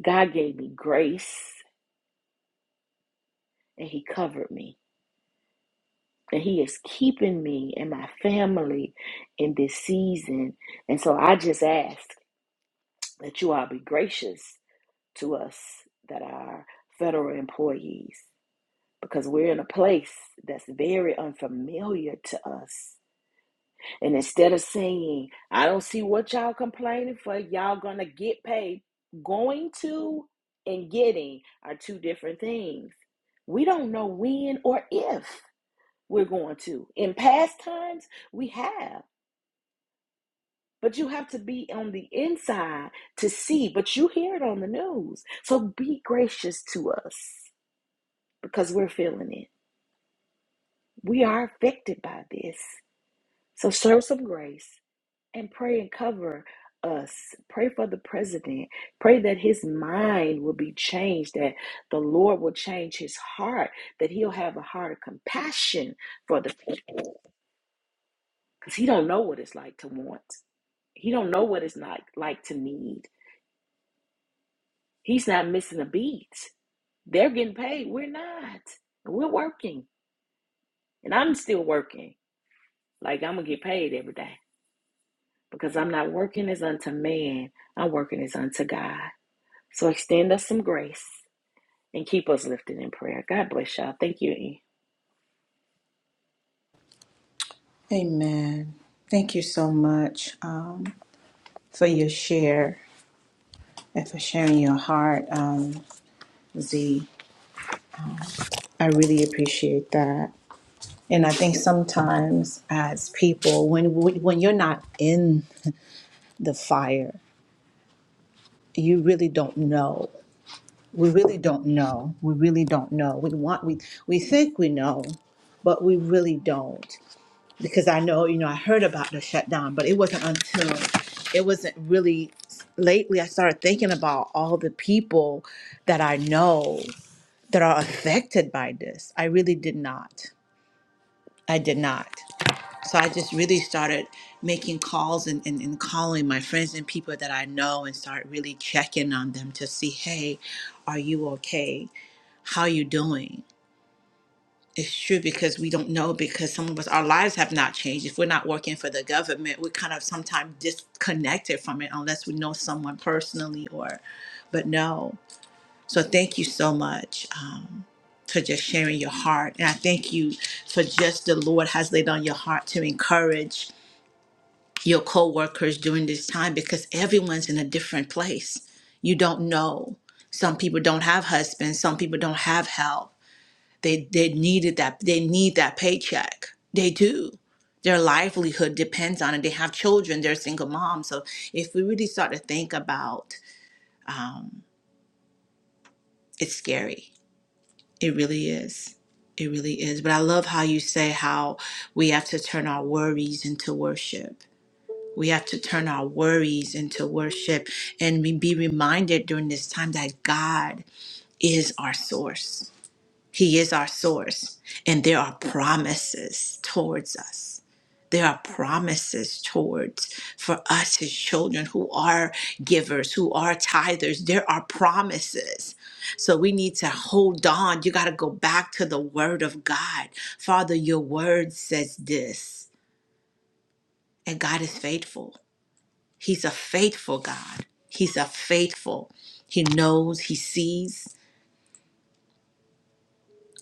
God gave me grace and He covered me. And He is keeping me and my family in this season. And so I just ask that you all be gracious to us that are federal employees. because we're in a place that's very unfamiliar to us. And instead of saying, I don't see what y'all complaining for, y'all gonna get paid. Going to and getting are two different things. We don't know when or if we're going to. In past times, we have. But you have to be on the inside to see, but you hear it on the news. So be gracious to us because we're feeling it. We are affected by this. So show some grace and pray and cover us. Pray for the president. Pray that his mind will be changed, that the Lord will change his heart, that he'll have a heart of compassion for the people. Because he don't know what it's like to want. He don't know what it's not like to need. He's not missing a beat. They're getting paid. We're not. We're working. And I'm still working. Like I'm gonna get paid every day. because I'm not working as unto man, I'm working as unto God. So extend us some grace and keep us lifted in prayer. God bless y'all. Thank you. E.
Amen. Thank you so much um, for your share and for sharing your heart, um, Z. I really appreciate that. And I think sometimes as people, when when you're not in the fire, you really don't know. We really don't know. We really don't know. We want we we think we know, but we really don't. Because I know, you know, I heard about the shutdown, but it wasn't until it wasn't really lately I started thinking about all the people that I know that are affected by this. I really did not. I did not. so I just really started making calls and, and, and calling my friends and people that I know and start really checking on them to see, hey, are you okay? How you doing? It's true because we don't know because some of us our lives have not changed. If we're not working for the government, we're kind of sometimes disconnected from it unless we know someone personally or but no. So thank you so much. Um for just sharing your heart. And I thank you for just the Lord has laid on your heart to encourage your coworkers during this time because everyone's in a different place. You don't know. Some people don't have husbands, some people don't have help. They they needed that they need that paycheck. They do. Their livelihood depends on it. They have children, they're single moms. So if we really start to think about um it's scary. It really is. It really is. But I love how you say how we have to turn our worries into worship We have to turn our worries into worship and we be reminded during this time that God is our source. He is our source. And there are promises towards us. There are promises towards for us, his children, who are givers, who are tithers. There are promises. So we need to hold on. You got to go back to the word of God. Father, your word says this, and God is faithful. He's a faithful God. He's a faithful. He knows, he sees.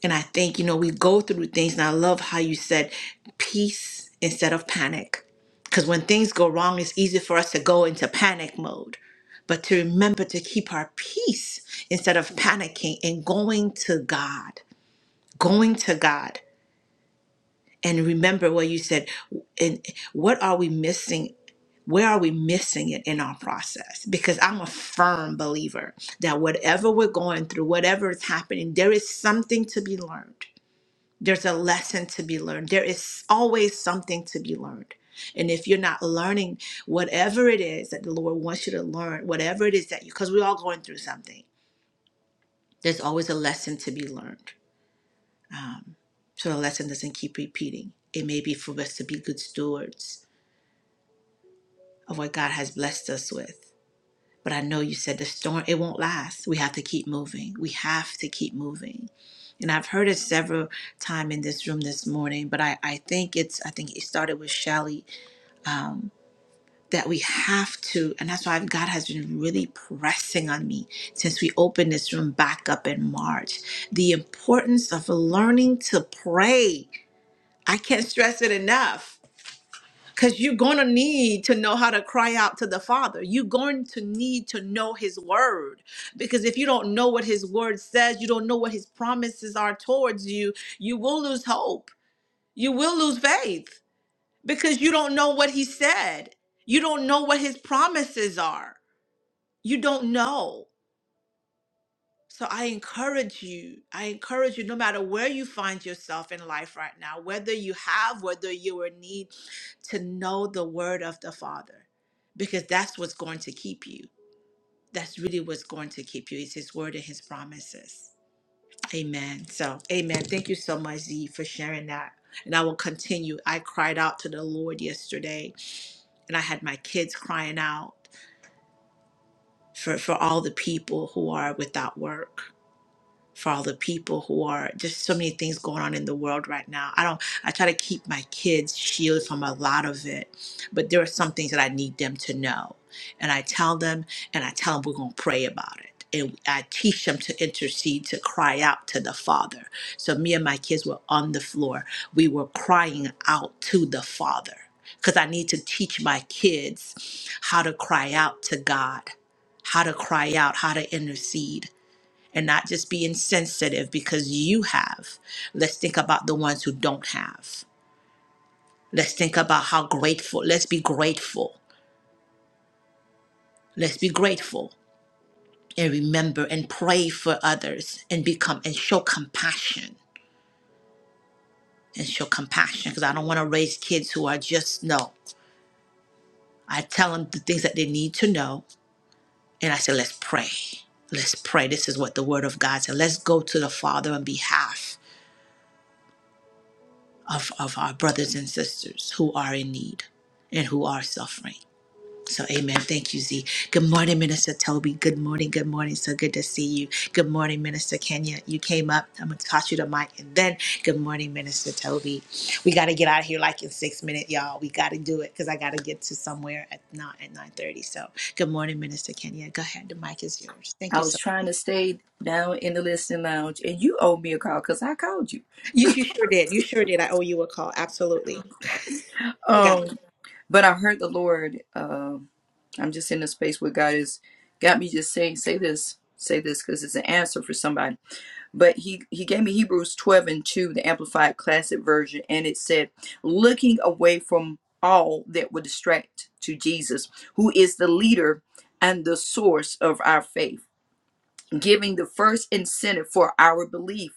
And I think, you know, we go through things, and I love how you said peace instead of panic. Because when things go wrong, it's easy for us to go into panic mode. But to remember to keep our peace instead of panicking and going to God, going to God. and remember what you said and what are we missing where are we missing it in our process because i'm a firm believer that whatever we're going through whatever is happening there is something to be learned there's a lesson to be learned there is always something to be learned and if you're not learning whatever it is that the lord wants you to learn whatever it is that you because we're all going through something there's always a lesson to be learned um, so the lesson doesn't keep repeating. It may be for us to be good stewards of what God has blessed us with. But I know you said the storm, it won't last. We have to keep moving. We have to keep moving. And I've heard it several times in this room this morning, but I, I think it's, I think it started with Shelly, um, that we have to, and that's why God has been really pressing on me since we opened this room back up in March, the importance of learning to pray I can't stress it enough because you're going to need to know how to cry out to the Father. You're going to need to know His Word because if you don't know what His Word says, you don't know what His promises are towards you, you will lose hope. You will lose faith because you don't know what He said. You don't know what His promises are. You don't know. So I encourage you, I encourage you, no matter where you find yourself in life right now, whether you have, whether you are in need, to know the word of the Father, because that's what's going to keep you. That's really what's going to keep you. It's His word and His promises. Amen. So, amen. Thank you so much, Z, for sharing that. And I will continue. I cried out to the Lord yesterday, and I had my kids crying out for, for all the people who are without work for all the people who are just so many things going on in the world right now. I don't I try to keep my kids shielded from a lot of it, but there are some things that I need them to know. And I tell them and I tell them we're going to pray about it. And I teach them to intercede, to cry out to the Father. So me and my kids were on the floor. We were crying out to the Father because I need to teach my kids how to cry out to God, how to cry out, how to intercede and not just be insensitive because you have. Let's think about the ones who don't have. Let's think about how grateful. Let's be grateful. Let's be grateful and remember and pray for others and become and show compassion and show compassion because I don't want to raise kids who are just no. I tell them the things that they need to know and I say let's pray. Let's pray. This is what the word of God said. Let's go to the Father on behalf of, of our brothers and sisters who are in need and who are suffering. So, amen. Thank you, Z. Good morning, Minister Toby. Good morning. Good morning. So good to see you. Good morning, Minister Kenya. You came up. I'm going to toss you the mic. And then, good morning, Minister Toby. We got to get out of here like in six minutes, y'all. We got to do it because I got to get to somewhere at not at 9.30. So, good morning, Minister Kenya. Go ahead. The mic is yours. Thank
I
you
was
so much.
trying to stay down in the listening lounge, and you owed me a call because I called you.
You, you sure did. You sure did. I owe you a call. Absolutely. You got
Um, but I heard the Lord. Um, I'm just in a space where God has got me just saying, say this, say this, because it's an answer for somebody. But he he gave me Hebrews 12 and 2, the Amplified Classic Version, and it said, looking away from all that would distract to Jesus, who is the leader and the source of our faith. giving the first incentive for our belief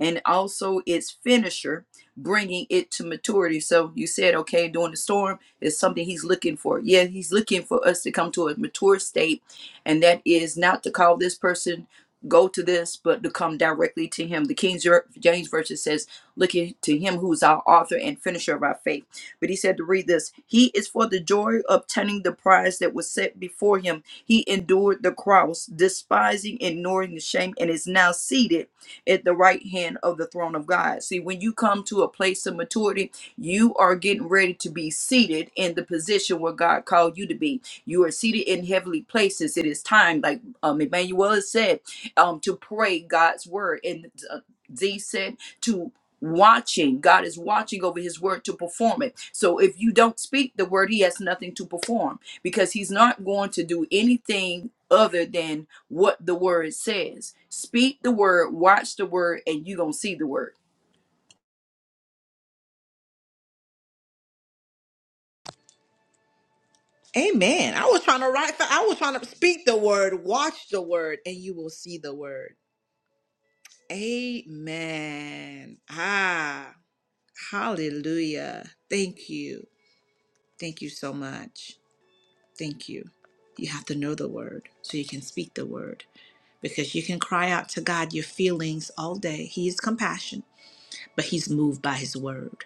and also its finisher, bringing it to maturity. So you said, okay, during the storm is something he's looking for. Yeah, he's looking for us to come to a mature state, and that is not to call this person go to this, but to come directly to him. The King James version says, looking to him who is our author and finisher of our faith. But he said to read this, he is for the joy of obtaining the prize that was set before him he endured the cross, despising, ignoring the shame, and is now seated at the right hand of the throne of God. See, when you come to a place of maturity, you are getting ready to be seated in the position where God called you to be. You are seated in heavenly places. It is time, like um, Emmanuel has said, um, to pray God's word. And uh, Z said to watching. God is watching over his word to perform it. So if you don't speak the word, he has nothing to perform because he's not going to do anything other than what the word says. Speak the word, watch the word, and you're going to see the word.
Amen. I was trying to write. I was trying to speak the word, watch the word, and you will see the word. Amen. Ah, hallelujah. Thank you. Thank you so much. Thank you. You have to know the word so you can speak the word because you can cry out to God your feelings all day. He is compassion, but he's moved by his word.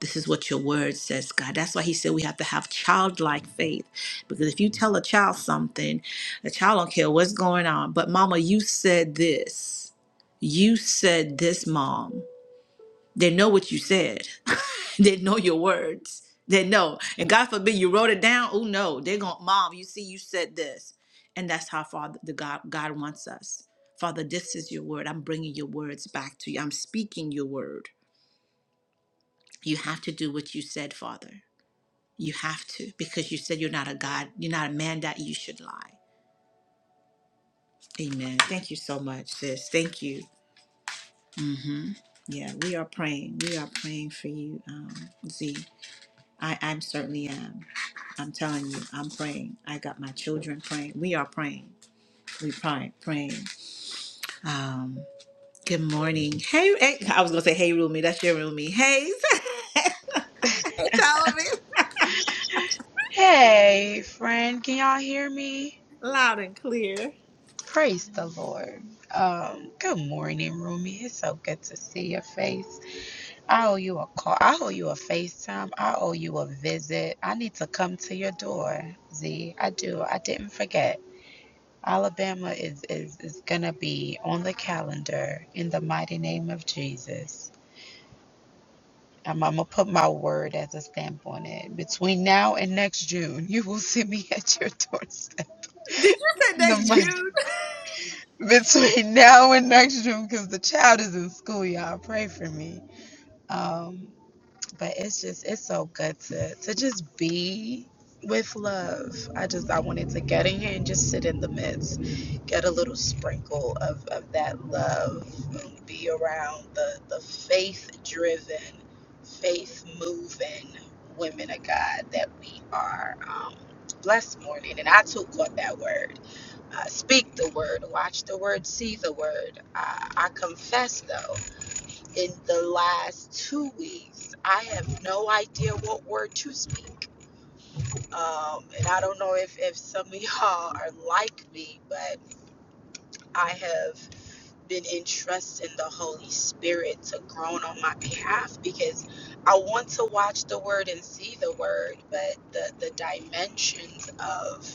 this is what your word says, God. That's why he said we have to have childlike faith. Because if you tell a child something, the child don't care what's going on. But mama, you said this. You said this, mom. They know what you said. they know your words. They know. And God forbid you wrote it down. Oh no, they're going, mom, you see, you said this. And that's how Father the God God wants us. Father, this is your word. I'm bringing your words back to you. I'm speaking your word. You have to do what you said, Father. You have to because you said you're not a God, you're not a man that you should lie. Amen. Thank you so much, sis. Thank you. hmm Yeah, we are praying. We are praying for you, um, Z. I, I'm certainly am. I'm telling you, I'm praying. I got my children praying. We are praying. We pray, praying. Um, good morning. Hey, hey, I was gonna say, hey, Rumi. That's your Rumi. Hey, hey, Ptolemy.
Hey, friend, can y'all hear me?
Loud and clear. Did
Praise the Lord. Um, good morning, Rumi. It's so good to see your face. I owe you a call. I owe you a FaceTime. I owe you a visit. I need to come to your door, Z. I do. I didn't forget. Alabama is, is, is going to be on the calendar in the mighty name of Jesus. I'm, I'm going to put my word as a stamp on it. Between now and next June, you will see me at your doorstep.
you say
The
next
mighty
June?
between now and next June because the child is in school, y'all. Pray for me. Um, but it's just it's so good to to just be with love. I just I wanted to get in here and just sit in the midst, get a little sprinkle of, of that love and be around the the faith driven, faith moving women of God that we are. Um, blessed morning, and I too caught that word uh, speak the word, watch the word, see the word. Uh, I confess, though, in the last two weeks, I have no idea what word to speak. Um, and I don't know if, if some of y'all are like me, but I have been entrusting the Holy Spirit to groan on my behalf because I want to watch the word and see the word, but the, the dimensions of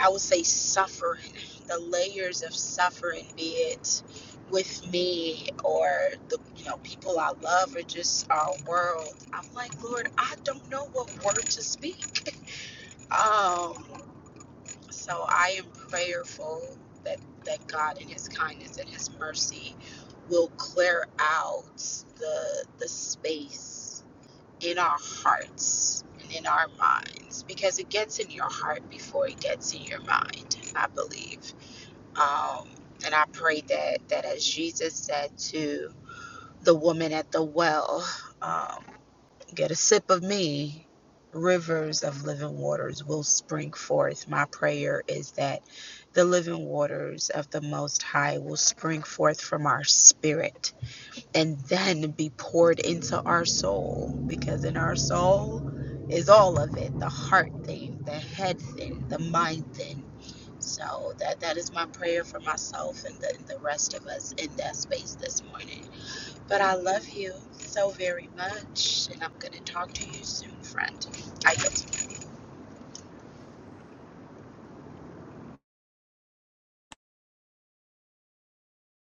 I would say suffering, the layers of suffering, be it with me or the you know people I love or just our world. I'm like, Lord, I don't know what word to speak. Um, so I am prayerful that that God in His kindness and His mercy will clear out the the space in our hearts and in our minds because it gets in your heart before it gets in your mind, I believe. Um, and I pray that, that as Jesus said to the woman at the well, um, get a sip of me, rivers of living waters will spring forth. My prayer is that the living waters of the Most High will spring forth from our spirit and then be poured into our soul because in our soul is all of it the heart thing the head thing the mind thing so that that is my prayer for myself and the, and the rest of us in that space this morning but i love you so very much and i'm going to talk to you soon friend i yield.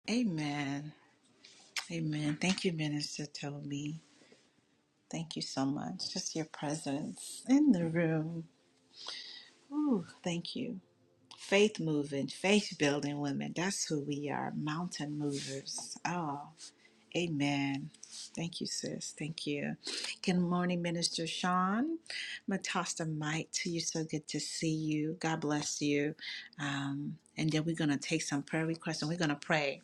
Amen. Amen. Thank you, Minister Toby. Thank you so much. Just your presence in the room. Ooh, thank you. Faith moving, faith building women. That's who we are. Mountain movers. Oh, amen. Thank you, sis. Thank you. Good morning, Minister Sean. I'm going to toss the mic to you. So good to see you. God bless you. Um, and then we're going to take some prayer requests and we're going to pray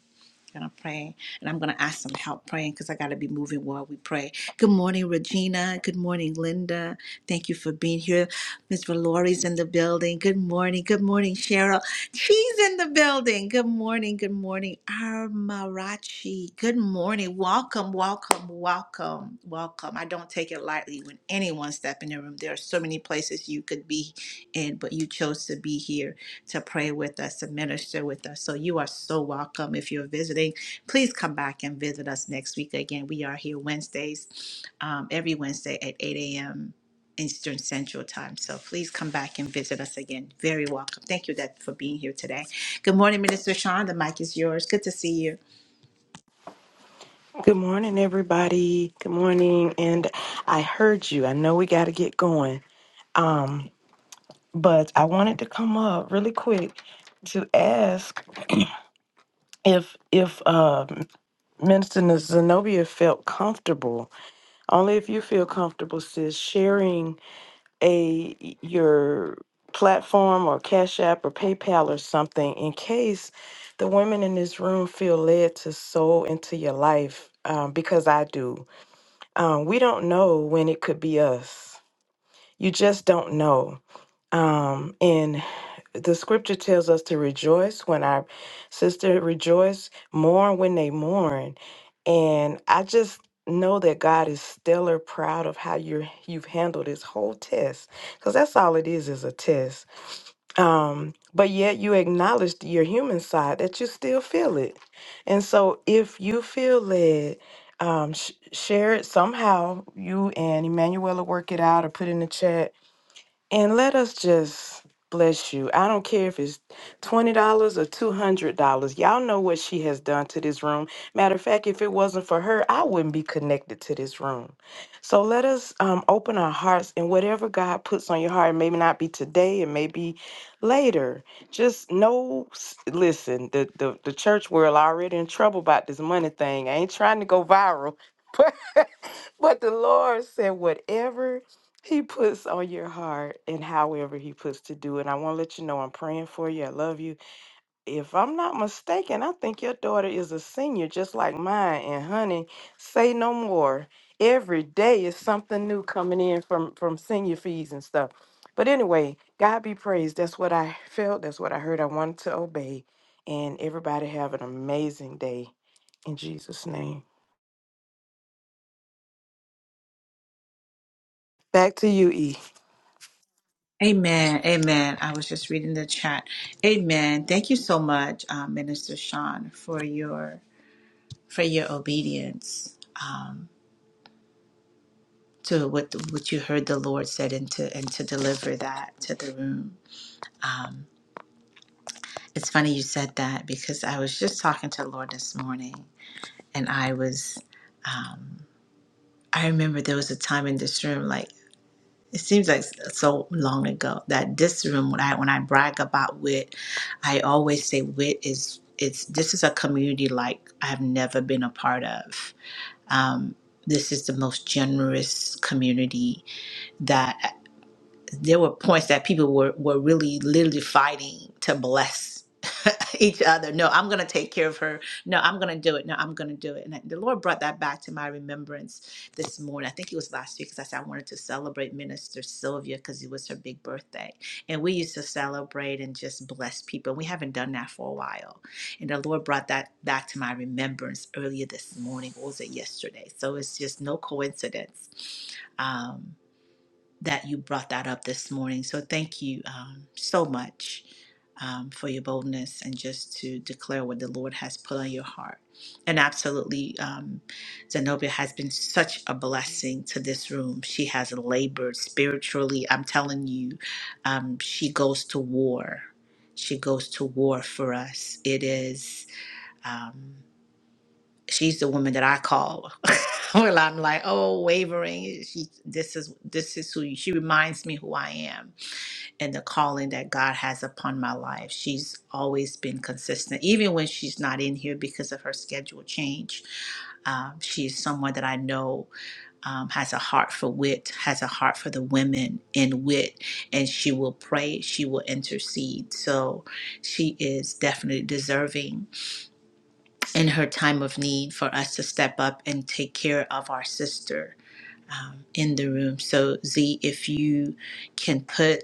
gonna pray and i'm gonna ask some help praying because i gotta be moving while we pray good morning regina good morning linda thank you for being here miss valori's in the building good morning good morning cheryl she's in the building good morning good morning armarachi good morning welcome welcome welcome welcome i don't take it lightly when anyone step in the room there are so many places you could be in but you chose to be here to pray with us and minister with us. So you are so welcome. If you're visiting, please come back and visit us next week again. We are here Wednesdays, um, every Wednesday at 8 a.m. Eastern Central Time. So please come back and visit us again. Very welcome. Thank you that for being here today. Good morning, Minister Sean. The mic is yours. Good to see you.
Good morning, everybody. Good morning. And I heard you. I know we got to get going. Um, but I wanted to come up really quick to ask if if uh, Minister Zenobia felt comfortable. Only if you feel comfortable, sis, sharing a your platform or Cash App or PayPal or something in case the women in this room feel led to sow into your life um, because I do. Um, we don't know when it could be us. You just don't know. Um, and the scripture tells us to rejoice when our sister rejoice, mourn when they mourn. And I just know that God is stellar proud of how you're you've handled this whole test. Because that's all it is is a test. Um, but yet you acknowledged your human side that you still feel it. And so if you feel led, um, sh- share it somehow. You and Emmanuel will work it out or put in the chat and let us just bless you. I don't care if it's $20 or $200. Y'all know what she has done to this room. Matter of fact, if it wasn't for her, I wouldn't be connected to this room. So let us um, open our hearts and whatever God puts on your heart, maybe not be today and maybe later. Just know, s- listen, the, the, the church world already in trouble about this money thing. I ain't trying to go viral. But the Lord said, whatever He puts on your heart and however He puts to do it. I want to let you know I'm praying for you. I love you. If I'm not mistaken, I think your daughter is a senior just like mine. And honey, say no more. Every day is something new coming in from, from senior fees and stuff. But anyway, God be praised. That's what I felt. That's what I heard. I wanted to obey. And everybody have an amazing day in Jesus' name. Back to you, E.
Amen. Amen. I was just reading the chat. Amen. Thank you so much, um, Minister Sean, for your for your obedience. Um, to what what you heard the Lord said and to and to deliver that to the room. It's funny you said that because I was just talking to the Lord this morning and I was um I remember there was a time in this room like it seems like so long ago that this room when I when I brag about wit, I T, I always say wit is it's this is a community like I've never been a part of. Um this is the most generous community that there were points that people were, were really literally fighting to bless each other. No, I'm going to take care of her. No, I'm going to do it. No, I'm going to do it. And I- the Lord brought that back to my remembrance this morning. I think it was last week because I said I wanted to celebrate Minister Sylvia because it was her big birthday. And we used to celebrate and just bless people. We haven't done that for a while. And the Lord brought that back to my remembrance earlier this morning. What was it yesterday? So it's just no coincidence. Um, that you brought that up this morning. So thank you um, so much um, for your boldness and just to declare what the Lord has put on your heart. And absolutely, um, Zenobia has been such a blessing to this room. She has labored spiritually. I'm telling you, um, she goes to war. She goes to war for us. It is. Um, she's the woman that I call. well, I'm like, oh, wavering. She, this is this is who she reminds me who I am and the calling that God has upon my life. She's always been consistent, even when she's not in here because of her schedule change. Um, she's someone that I know um, has a heart for wit, has a heart for the women in wit, and she will pray, she will intercede. So she is definitely deserving in her time of need for us to step up and take care of our sister in the room. So, Z, if you can put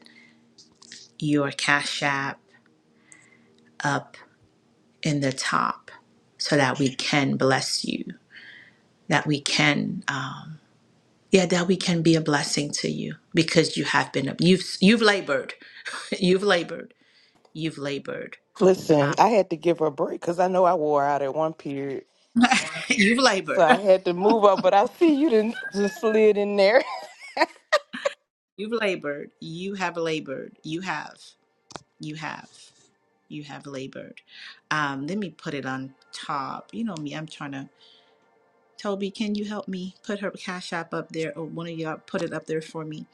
your Cash App up in the top so that we can bless you, that we can, uh, yeah, that we can be a blessing to you because you have been, you've, you've labored, you've labored, you've labored,
Listen, I had to give her a break because I know I wore out at one period.
you've
So
labored,
I had to move up, but I see you didn't just slid in there.
you've labored, you have labored, you have. You have. You have labored. Um, let me put it on top. You know me, I'm trying to. Toby, can you help me put her cash app up there, or one of y'all put it up there for me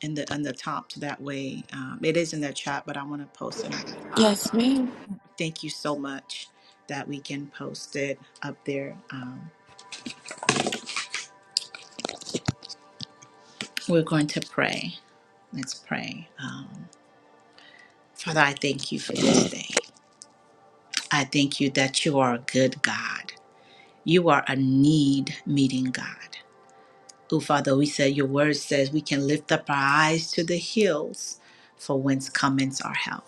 in the on the top? So that way, um, it is in the chat, but I want to post it on the top.
Yes, ma'am.
Thank you so much that we can post it up there. Um, we're going to pray. Let's pray. Um, Father, I thank you for this day. I thank you that you are a good God. You are a need meeting God. Oh, Father, we said your word says we can lift up our eyes to the hills, for whence cometh our help.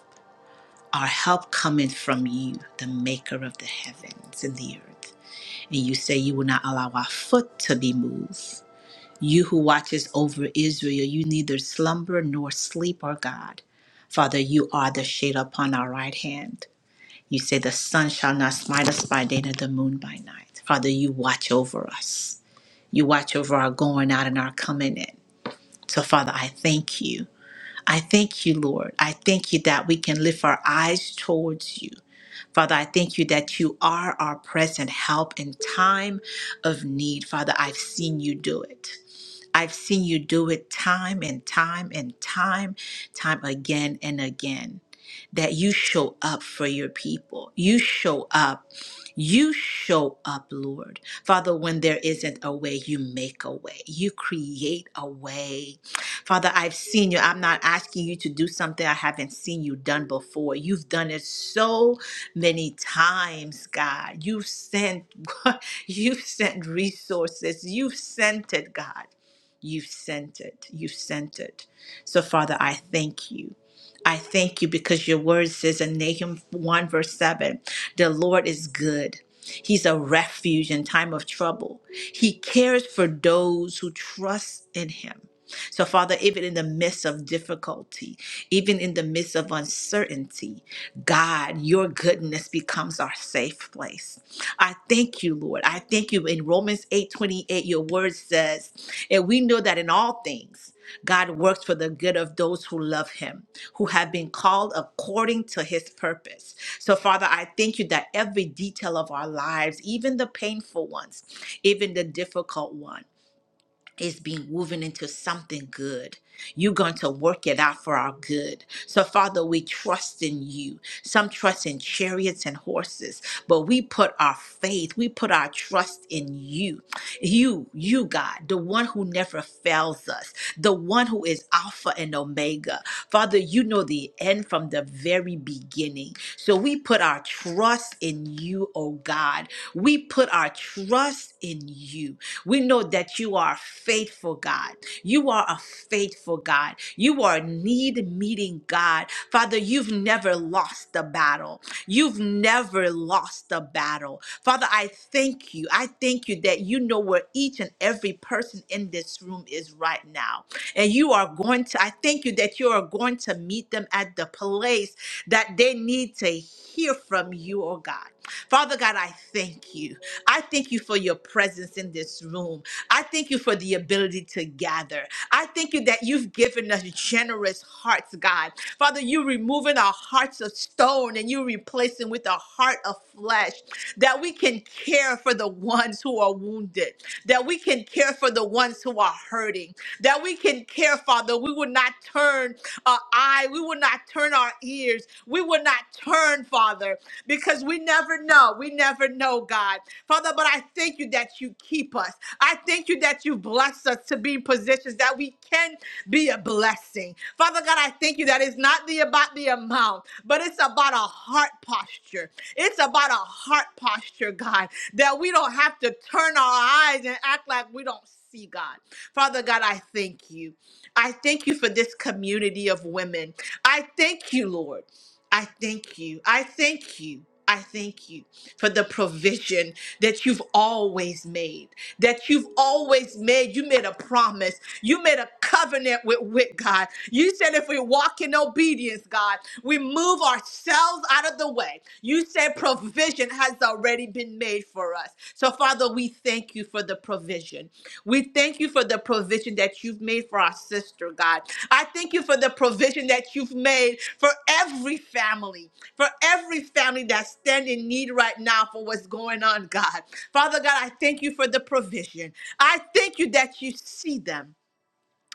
Our help cometh from you, the maker of the heavens and the earth. And you say you will not allow our foot to be moved. You who watches over Israel, you neither slumber nor sleep, O God. Father, you are the shade upon our right hand. You say the sun shall not smite us by day, nor the moon by night. Father, you watch over us. You watch over our going out and our coming in. So, Father, I thank you. I thank you, Lord. I thank you that we can lift our eyes towards you. Father, I thank you that you are our present help in time of need. Father, I've seen you do it. I've seen you do it time and time and time, time again and again. That you show up for your people. You show up. You show up, Lord. Father, when there isn't a way, you make a way. You create a way. Father, I've seen you. I'm not asking you to do something I haven't seen you done before. You've done it so many times, God. You've sent you've sent resources. You've sent it, God. You sent it. You sent it. So, Father, I thank you. I thank you because your word says in Nahum 1, verse 7 the Lord is good. He's a refuge in time of trouble. He cares for those who trust in him. So, Father, even in the midst of difficulty, even in the midst of uncertainty, God, your goodness becomes our safe place. I thank you, Lord. I thank you. In Romans 8 28, your word says, and we know that in all things, God works for the good of those who love him, who have been called according to his purpose. So, Father, I thank you that every detail of our lives, even the painful ones, even the difficult one is being woven into something good. You're going to work it out for our good. So, Father, we trust in you. Some trust in chariots and horses, but we put our faith, we put our trust in you. You, you, God, the one who never fails us, the one who is Alpha and Omega. Father, you know the end from the very beginning. So, we put our trust in you, oh God. We put our trust in you. We know that you are faithful, God. You are a faithful God. You are a need meeting God. Father, you've never lost the battle. You've never lost the battle. Father, I thank you. I thank you that you know where each and every person in this room is right now. And you are going to, I thank you that you are going to meet them at the place that they need to hear from you, oh God. Father God, I thank you. I thank you for your presence in this room. I thank you for the ability to gather. I thank you that you've given us generous hearts, God. Father, you're removing our hearts of stone and you're replacing with a heart of flesh that we can care for the ones who are wounded, that we can care for the ones who are hurting, that we can care, Father. We will not turn our eye, we will not turn our ears, we will not turn, Father, because we never know. We never know, God. Father, but I thank you that that you keep us. I thank you that you bless us to be in positions that we can be a blessing. Father God, I thank you that it's not the about the amount, but it's about a heart posture. It's about a heart posture, God, that we don't have to turn our eyes and act like we don't see God. Father God, I thank you. I thank you for this community of women. I thank you, Lord. I thank you. I thank you. I thank you for the provision that you've always made, that you've always made. You made a promise. You made a covenant with, with God. You said if we walk in obedience, God, we move ourselves out of the way. You said provision has already been made for us. So, Father, we thank you for the provision. We thank you for the provision that you've made for our sister, God. I thank you for the provision that you've made for every family, for every family that's standing in need right now for what's going on, God. Father God, I thank you for the provision. I thank you that you see them.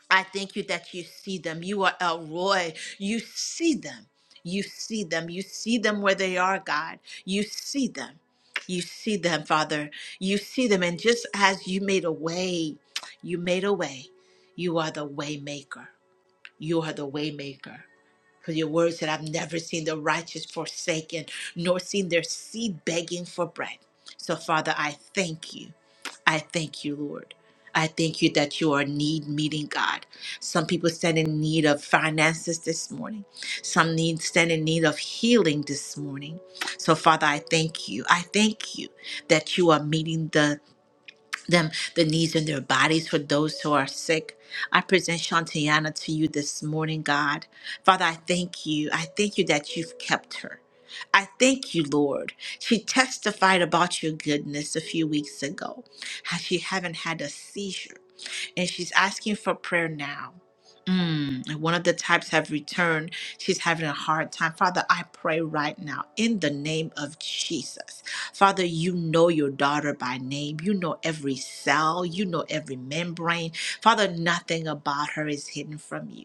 I thank you that you see them. You are El Roy. You see them. You see them. You see them where they are, God. You see them. You see them, Father. You see them. And just as you made a way, you made a way. You are the way maker. You are the way maker. For your word said, I've never seen the righteous forsaken, nor seen their seed begging for bread. So, Father, I thank you. I thank you, Lord. I thank you that you are a need meeting God. Some people stand in need of finances this morning. Some need stand in need of healing this morning. So, Father, I thank you. I thank you that you are meeting the them the needs in their bodies for those who are sick. I present Shantiana to you this morning, God. Father, I thank you. I thank you that you've kept her. I thank you, Lord. She testified about your goodness a few weeks ago, how she haven't had a seizure and she's asking for prayer now. Mm, and one of the types have returned. She's having a hard time. Father, I pray right now in the name of Jesus. Father, you know your daughter by name. You know every cell. You know every membrane. Father, nothing about her is hidden from you.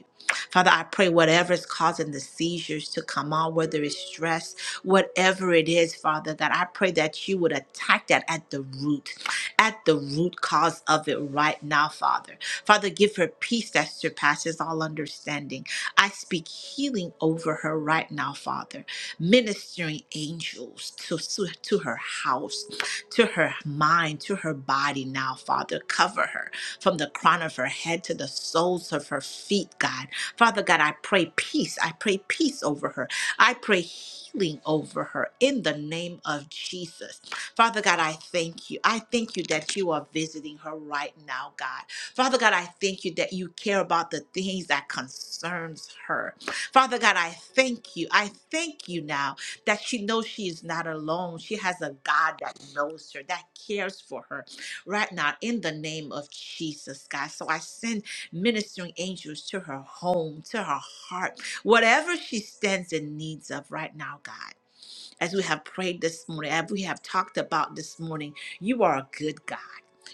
Father, I pray whatever is causing the seizures to come on, whether it's stress, whatever it is, Father, that I pray that you would attack that at the root at the root cause of it right now, Father. Father, give her peace that surpasses all understanding. I speak healing over her right now, Father. Ministering angels to, to, to her house, to her mind, to her body now, Father. Cover her from the crown of her head to the soles of her feet, God. Father God, I pray peace. I pray peace over her. I pray healing over her in the name of Jesus. Father God, I thank you. I thank you that you are visiting her right now, God. Father God, I thank you that you care about the things that concerns her. Father God, I thank you. I thank you now that she knows she is not alone. She has a God that knows her, that cares for her right now in the name of Jesus, God. So I send ministering angels to her home, to her heart, whatever she stands in needs of right now, God as we have prayed this morning, as we have talked about this morning. You are a good God.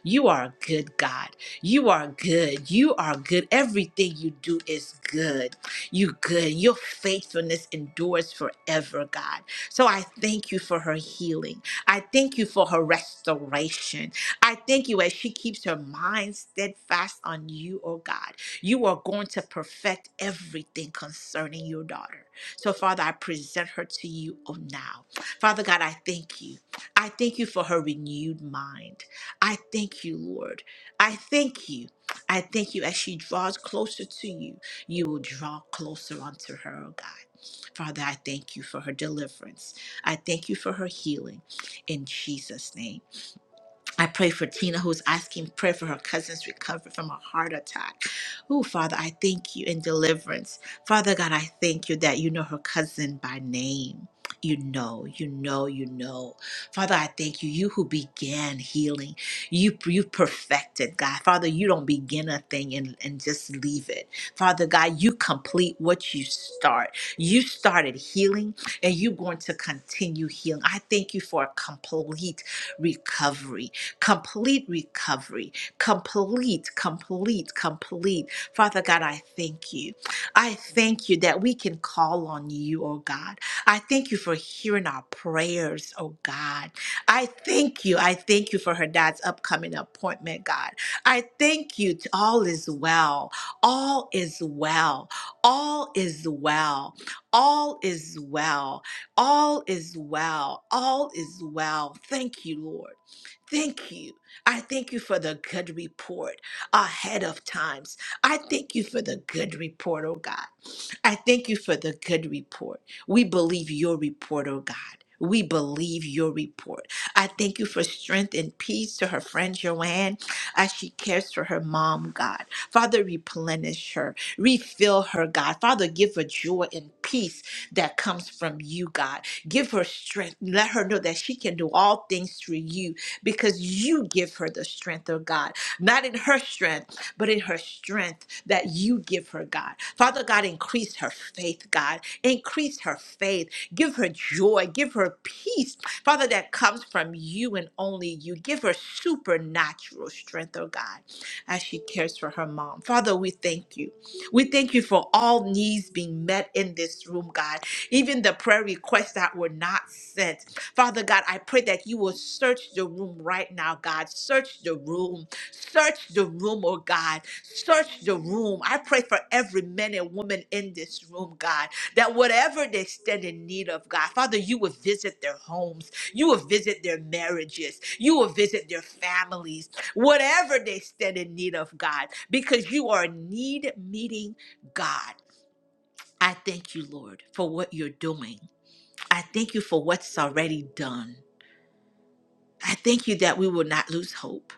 You are a good God. You are good. You are good. Everything you do is good. You good. Your faithfulness endures forever, God. So I thank you for her healing. I thank you for her restoration. I thank you as she keeps her mind steadfast on you, oh God. You are going to perfect everything concerning your daughter. So, Father, I present her to you oh now. Father God, I thank you. I thank you for her renewed mind. I thank you, Lord. I thank you. I thank you as she draws closer to you, you will draw closer unto her, oh God. Father, I thank you for her deliverance. I thank you for her healing in Jesus' name. I pray for Tina, who's asking prayer for her cousin's recovery from a heart attack. Oh, Father, I thank you in deliverance. Father God, I thank you that you know her cousin by name. You know, you know, you know. Father, I thank you. You who began healing, you you perfected, God. Father, you don't begin a thing and, and just leave it. Father God, you complete what you start. You started healing and you're going to continue healing. I thank you for a complete recovery complete recovery, complete, complete, complete. Father God, I thank you. I thank you that we can call on you, oh God. I thank you for hearing our prayers, oh God. I thank you. I thank you for her dad's upcoming appointment, God. I thank you. t- All is well. All is well. All is well. All is well. All is well. All is well. Thank you, Lord thank you. I thank you for the good report ahead of times. I thank you for the good report, oh God. I thank you for the good report. We believe your report, oh God. We believe your report. I thank you for strength and peace to her friend Joanne as she cares for her mom, God. Father, replenish her, refill her, God. Father, give her joy and peace that comes from you, God. Give her strength. Let her know that she can do all things through you because you give her the strength, oh God. Not in her strength but in her strength that you give her, God. Father God, increase her faith, God. Increase her faith. Give her joy. Give her peace, Father, that comes from you and only you. Give her supernatural strength, oh God, as she cares for her mom. Father, we thank you. We thank you for all needs being met in this room, God. Even the prayer requests that were not sent. Father God, I pray that you will search the room right now, God. Search the room. Search the room, oh God. Search the room. I pray for every man and woman in this room, God, that whatever they stand in need of, God, Father, you will visit their homes. You will visit their marriages. You will visit their families. Whatever they stand in need of, God, because you are a need meeting God. I thank you, Lord, for what you're doing. I thank you for what's already done. I thank you that we will not lose hope.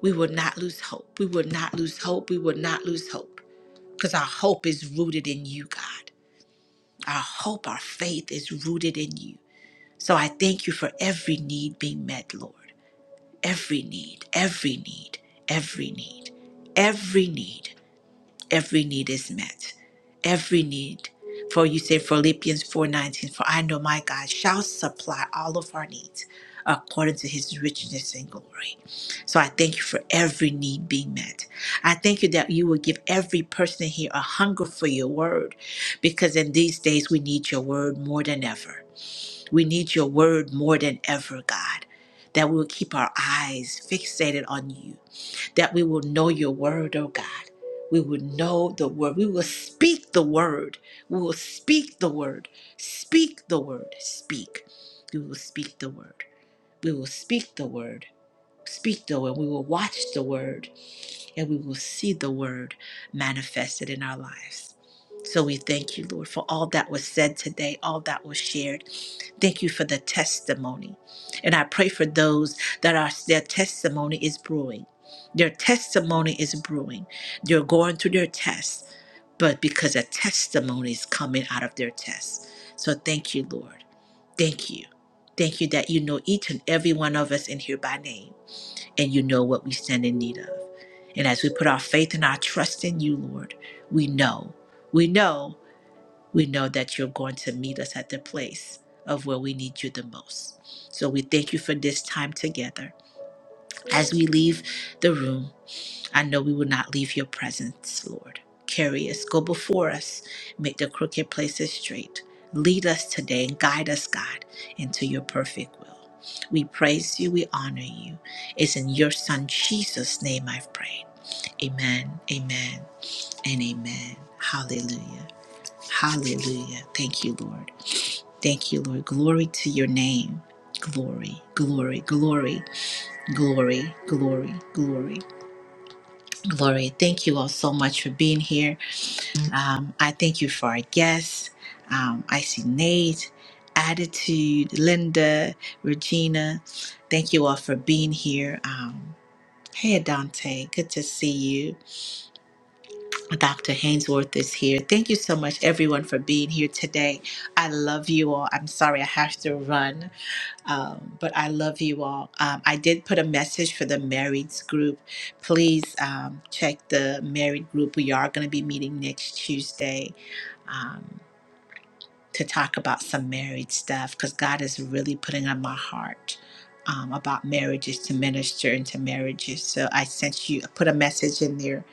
we will not lose hope. We will not lose hope. We will not lose hope because our hope is rooted in you, God. Our hope, our faith is rooted in you. So I thank you for every need being met, Lord. Every need, every need, every need, every need every need is met every need for you say philippians 4.19 for i know my god shall supply all of our needs according to his richness and glory so i thank you for every need being met i thank you that you will give every person here a hunger for your word because in these days we need your word more than ever we need your word more than ever god that we will keep our eyes fixated on you that we will know your word, oh God. We will know the word. We will speak the word. We will speak the word. Speak the word. Speak. We will speak the word. We will speak the word. Speak the word. We will watch the word and we will see the word manifested in our lives. So we thank you, Lord, for all that was said today, all that was shared. Thank you for the testimony. And I pray for those that are their testimony is brewing. Their testimony is brewing. They're going through their test, but because a testimony is coming out of their test. So thank you, Lord. Thank you. Thank you that you know each and every one of us in here by name, and you know what we stand in need of. And as we put our faith and our trust in you, Lord, we know. We know we know that you're going to meet us at the place of where we need you the most. So we thank you for this time together. As we leave the room, I know we will not leave your presence, Lord. Carry us, go before us, make the crooked places straight. Lead us today and guide us, God, into your perfect will. We praise you, we honor you. It's in your Son Jesus' name I've prayed. Amen, amen, and amen. Hallelujah. Hallelujah. Thank you, Lord. Thank you, Lord. Glory to your name. Glory, glory, glory, glory, glory, glory, glory. Thank you all so much for being here. Um, I thank you for our guests. Um, I see Nate, Attitude, Linda, Regina. Thank you all for being here. Um, hey, Dante, good to see you. Dr. Hainsworth is here. Thank you so much, everyone, for being here today. I love you all. I'm sorry I have to run Um, but I love you all. Um, I did put a message for the marrieds group. Please um, check the married group. We are going to be meeting next Tuesday um, to talk about some married stuff because God is really putting on my heart um, about marriages to minister into marriages. So I sent you, I put a message in there.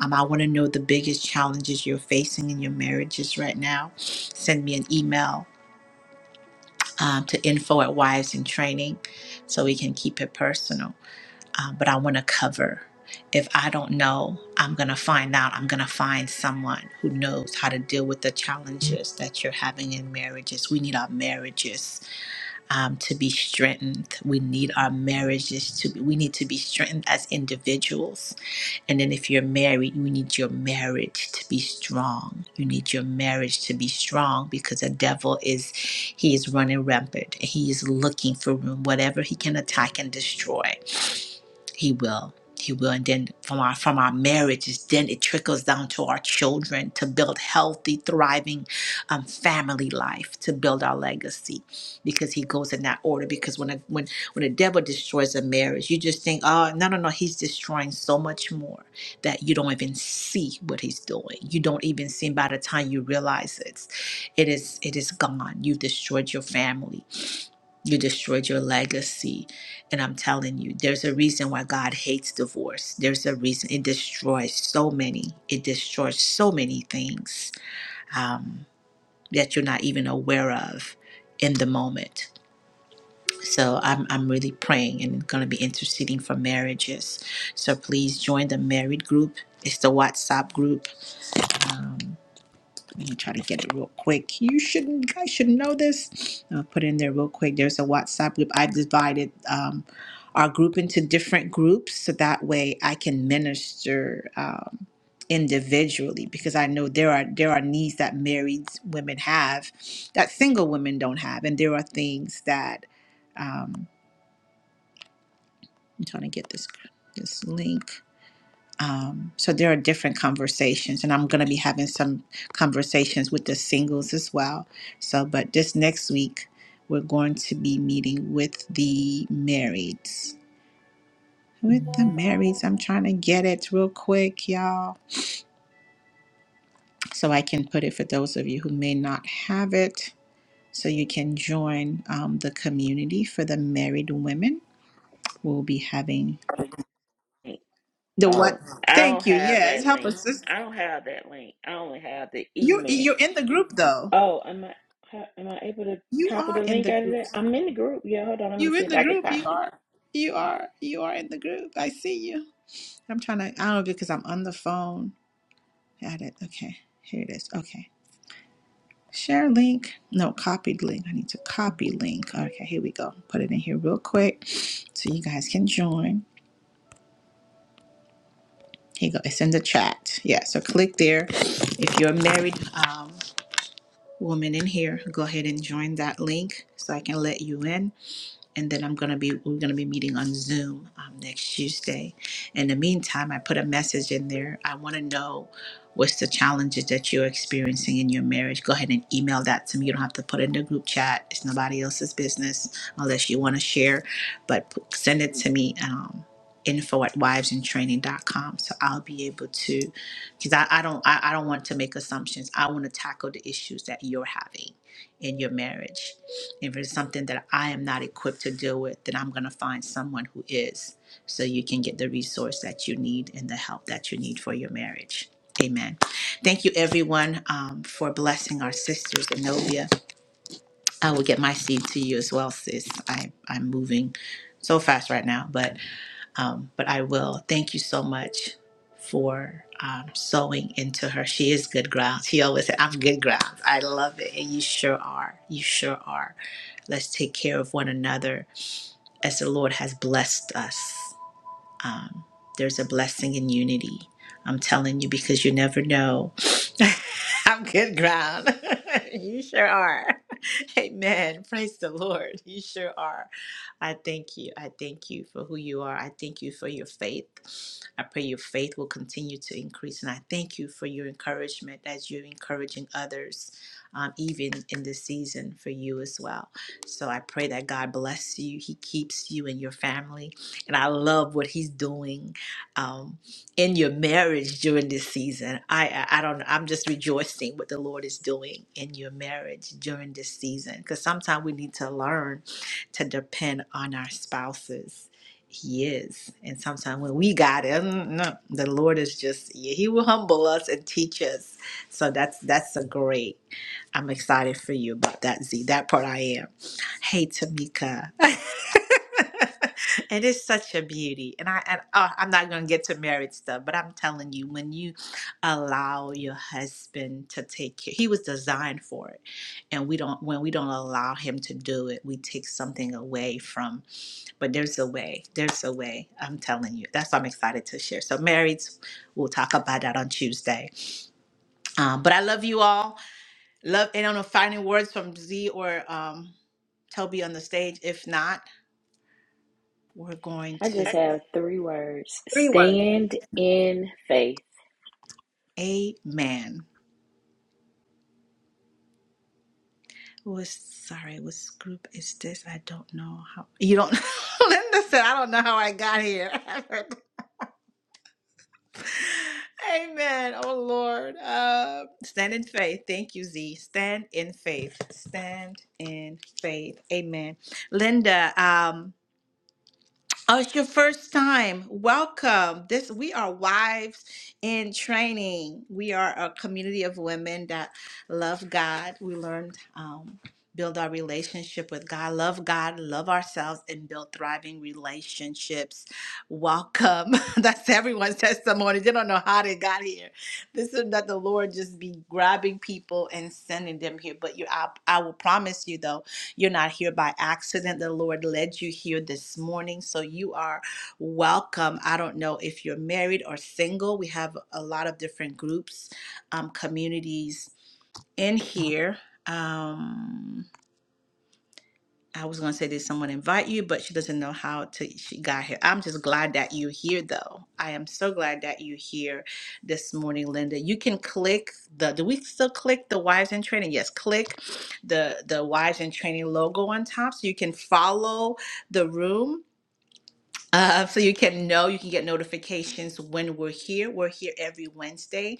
Um, I want to know the biggest challenges you're facing in your marriages right now. Send me an email um, to info at Wives in Training so we can keep it personal. Uh, but I want to cover. If I don't know, I'm going to find out. I'm going to find someone who knows how to deal with the challenges that you're having in marriages. We need our marriages um, to be strengthened. We need our marriages to be, we need to be strengthened as individuals and then if you're married, you need your marriage to be strong. You need your marriage to be strong because the devil is he is running rampant. He is looking for whatever he can attack and destroy. He will. He will. And then from our from our marriages, then it trickles down to our children to build healthy, thriving um, family life, to build our legacy. Because he goes in that order. Because when a when when the devil destroys a marriage, you just think, oh no, no, no, he's destroying so much more that you don't even see what he's doing. You don't even see by the time you realize it. It is it is gone. You've destroyed your family you destroyed your legacy. And I'm telling you, there's a reason why God hates divorce. There's a reason it destroys so many. It destroys so many things um, that you're not even aware of in the moment. So I'm, I'm really praying and going to be interceding for marriages. So please join the married group. It's the WhatsApp group. Um, let me try to get it real quick. You shouldn't, guys should know this. I'll put it in there real quick. There's a WhatsApp group. I've divided um, our group into different groups so that way I can minister um, individually because I know there are there are needs that married women have that single women don't have, and there are things that um, I'm trying to get this this link. Um, so there are different conversations, and I'm going to be having some conversations with the singles as well. So, but this next week, we're going to be meeting with the marrieds. With the marrieds, I'm trying to get it real quick, y'all, so I can put it for those of you who may not have it. So you can join um, the community for the married women. We'll be having the what?
Oh, I don't
Thank you.
have
Yes,
that
help
link.
us. sis.
I don't have that link. I only have the
You
email.
you're in the group though.
Oh, am I am I able to
You
copy
are
the
in
link
the
out of
group.
that? I'm in the group. Yeah, hold on. Let me
You
see
in
if
the
I can
group? You
copy.
are. You are. You are in the group. I see you. I'm trying to. I don't know because I'm on the phone. Got it. Okay. Here it is. Okay. Share link. No, copied link. I need to copy link. Okay. Here we go. Put it in here real quick so you guys can join. Here you go. It's in the chat. Yeah. So click there. If you're a married um, woman in here, go ahead and join that link so I can let you in and then I'm gonna be we're gonna be meeting on Zoom um, next Tuesday. In the meantime, I put a message in there. I want to know what's the challenges that you're experiencing in your marriage. Go ahead and email that to me. You don't have to put it in the group chat. It's nobody else's business unless you want to share, but p- send it to me. Um, info at wives and training dot com so i'll be able to because I, I don't I, I don't want to make assumptions i want to tackle the issues that you're having in your marriage if it's something that I am not equipped to deal with, then I'm going to find someone who is so you can get the resource that you need and the help that you need for your marriage. Amen. Thank you, everyone, um, for blessing our sisters. Anovia, I will get my seed to you as well, sis. I, I'm moving so fast right now, but um, but I will. Thank you so much for um, sewing into her. She is good ground. She always said, I'm good ground. I love it. And you sure are. You sure are. Let's take care of one another as the Lord has blessed us. Um, there's a blessing in unity. I'm telling you because you never know. I'm good ground. you sure are. Amen. Praise the Lord. You sure are. I thank you. I thank you for who you are. I thank you for your faith. I pray your faith will continue to increase. And I thank you for your encouragement as you're encouraging others, um, even in this season for you as well. So I pray that God bless you. He keeps you and your family. And I love what He's doing. Um, in your marriage during this season. I I I don't know. I'm just rejoicing what the Lord is doing in your marriage during this season because sometimes we need to learn to depend on our spouses. He is, and sometimes when we got it, mm, no, the Lord is just yeah, He will humble us and teach us. So that's that's a great. I'm excited for you about that Z. That part I am. Hey, Tamika. it is such a beauty. And I and uh, I'm not going to get to married stuff, but I'm telling you when you allow your husband to take care, he was designed for it. And we don't when we don't allow him to do it, we take something away from but there's a way. There's a way. I'm telling you. That's why I'm excited to share. So marrieds, we'll talk about that on Tuesday. Um, but I love you all. Love, and I don't know, finding words from Z or um, Toby on the stage. If not, we're going
I just
to
have three words. Stand in faith.
Amen. Was sorry, what group is this? I don't know how you don't. Linda said, "I don't know how I got here." Amen. Oh Lord, uh, stand in faith. Thank you, Z. Stand in faith. Stand in faith. Amen. Linda, Um. Oh, it's your first time. Welcome. This we are wives in training. We are a community of women that love God. We learned um, build our relationship with God, love God, love ourselves, and build thriving relationships. Welcome. That's everyone's testimony. They don't know how they got here. This is not the Lord just be grabbing people and sending them here. But you, I, I will promise you though. You're not here by accident. The Lord led you here this morning. So you are welcome. I don't know if you're married or single. We have a lot of different groups, um, communities in here. Um, I was going to say, did someone invite you? But she doesn't know how to. She got here. I'm just glad that you're here, though. I am so glad that you're here this morning, Linda. You can click the. Do we still click the Wives in Training? Yes, click the the Wives in Training logo on top, so you can follow the room. Uh, so you can know you can get notifications when we're here. We're here every Wednesday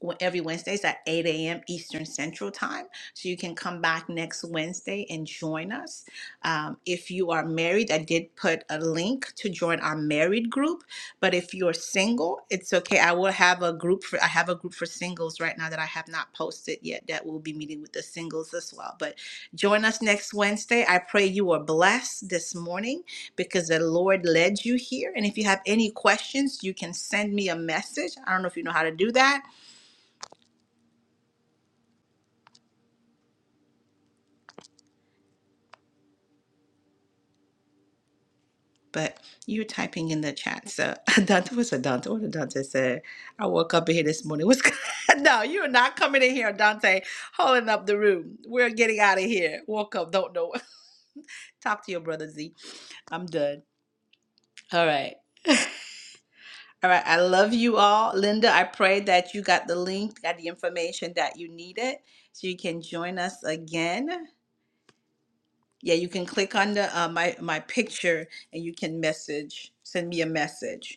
w- every Wednesdays at 8 a.m. Eastern Central Time. So you can come back next Wednesday and join us. Um, if you are married, I did put a link to join our married group. But if you're single, it's okay. I will have a group for I have a group for singles right now that I have not posted yet that will be meeting with the singles as well. But join us next Wednesday. I pray you are blessed this morning because the Lord led you here. And if you have any questions, you can send me a message. I don't know if you know how to do that but you were typing in the chat. So Dante was a Dante. What did Dante say? I woke up in here this morning. What's no? You are not coming in here, Dante. Holding up the room. We're getting out of here. Woke up. Don't know. Talk to your brother Z. I'm done. All right. All right. I love you all, Linda. I pray that you got the link, got the information that you needed, so you can join us again. Yeah, you can click on the uh, my my picture and you can message, send me a message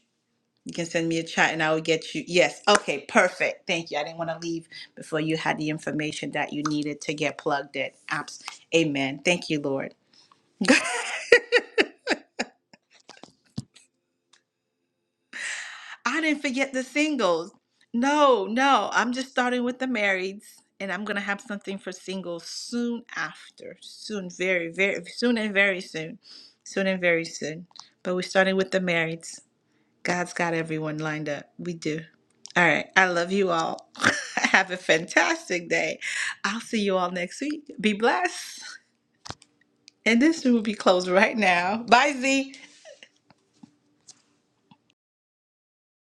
You can send me a chat and I will get you. Yes. Okay, perfect. Thank you. I didn't want to leave before you had the information that you needed to get plugged in. Apps. Amen. Thank you, Lord. I didn't forget the singles. No, no. I'm just starting with the marrieds and I'm going to have something for singles soon after. Soon, very, very soon and very soon. Soon and very soon. But we're starting with the marrieds. God's got everyone lined up. We do. All right. I love you all. Have a fantastic day. I'll see you all next week. Be blessed. And this room will be closed right now. Bye, Z.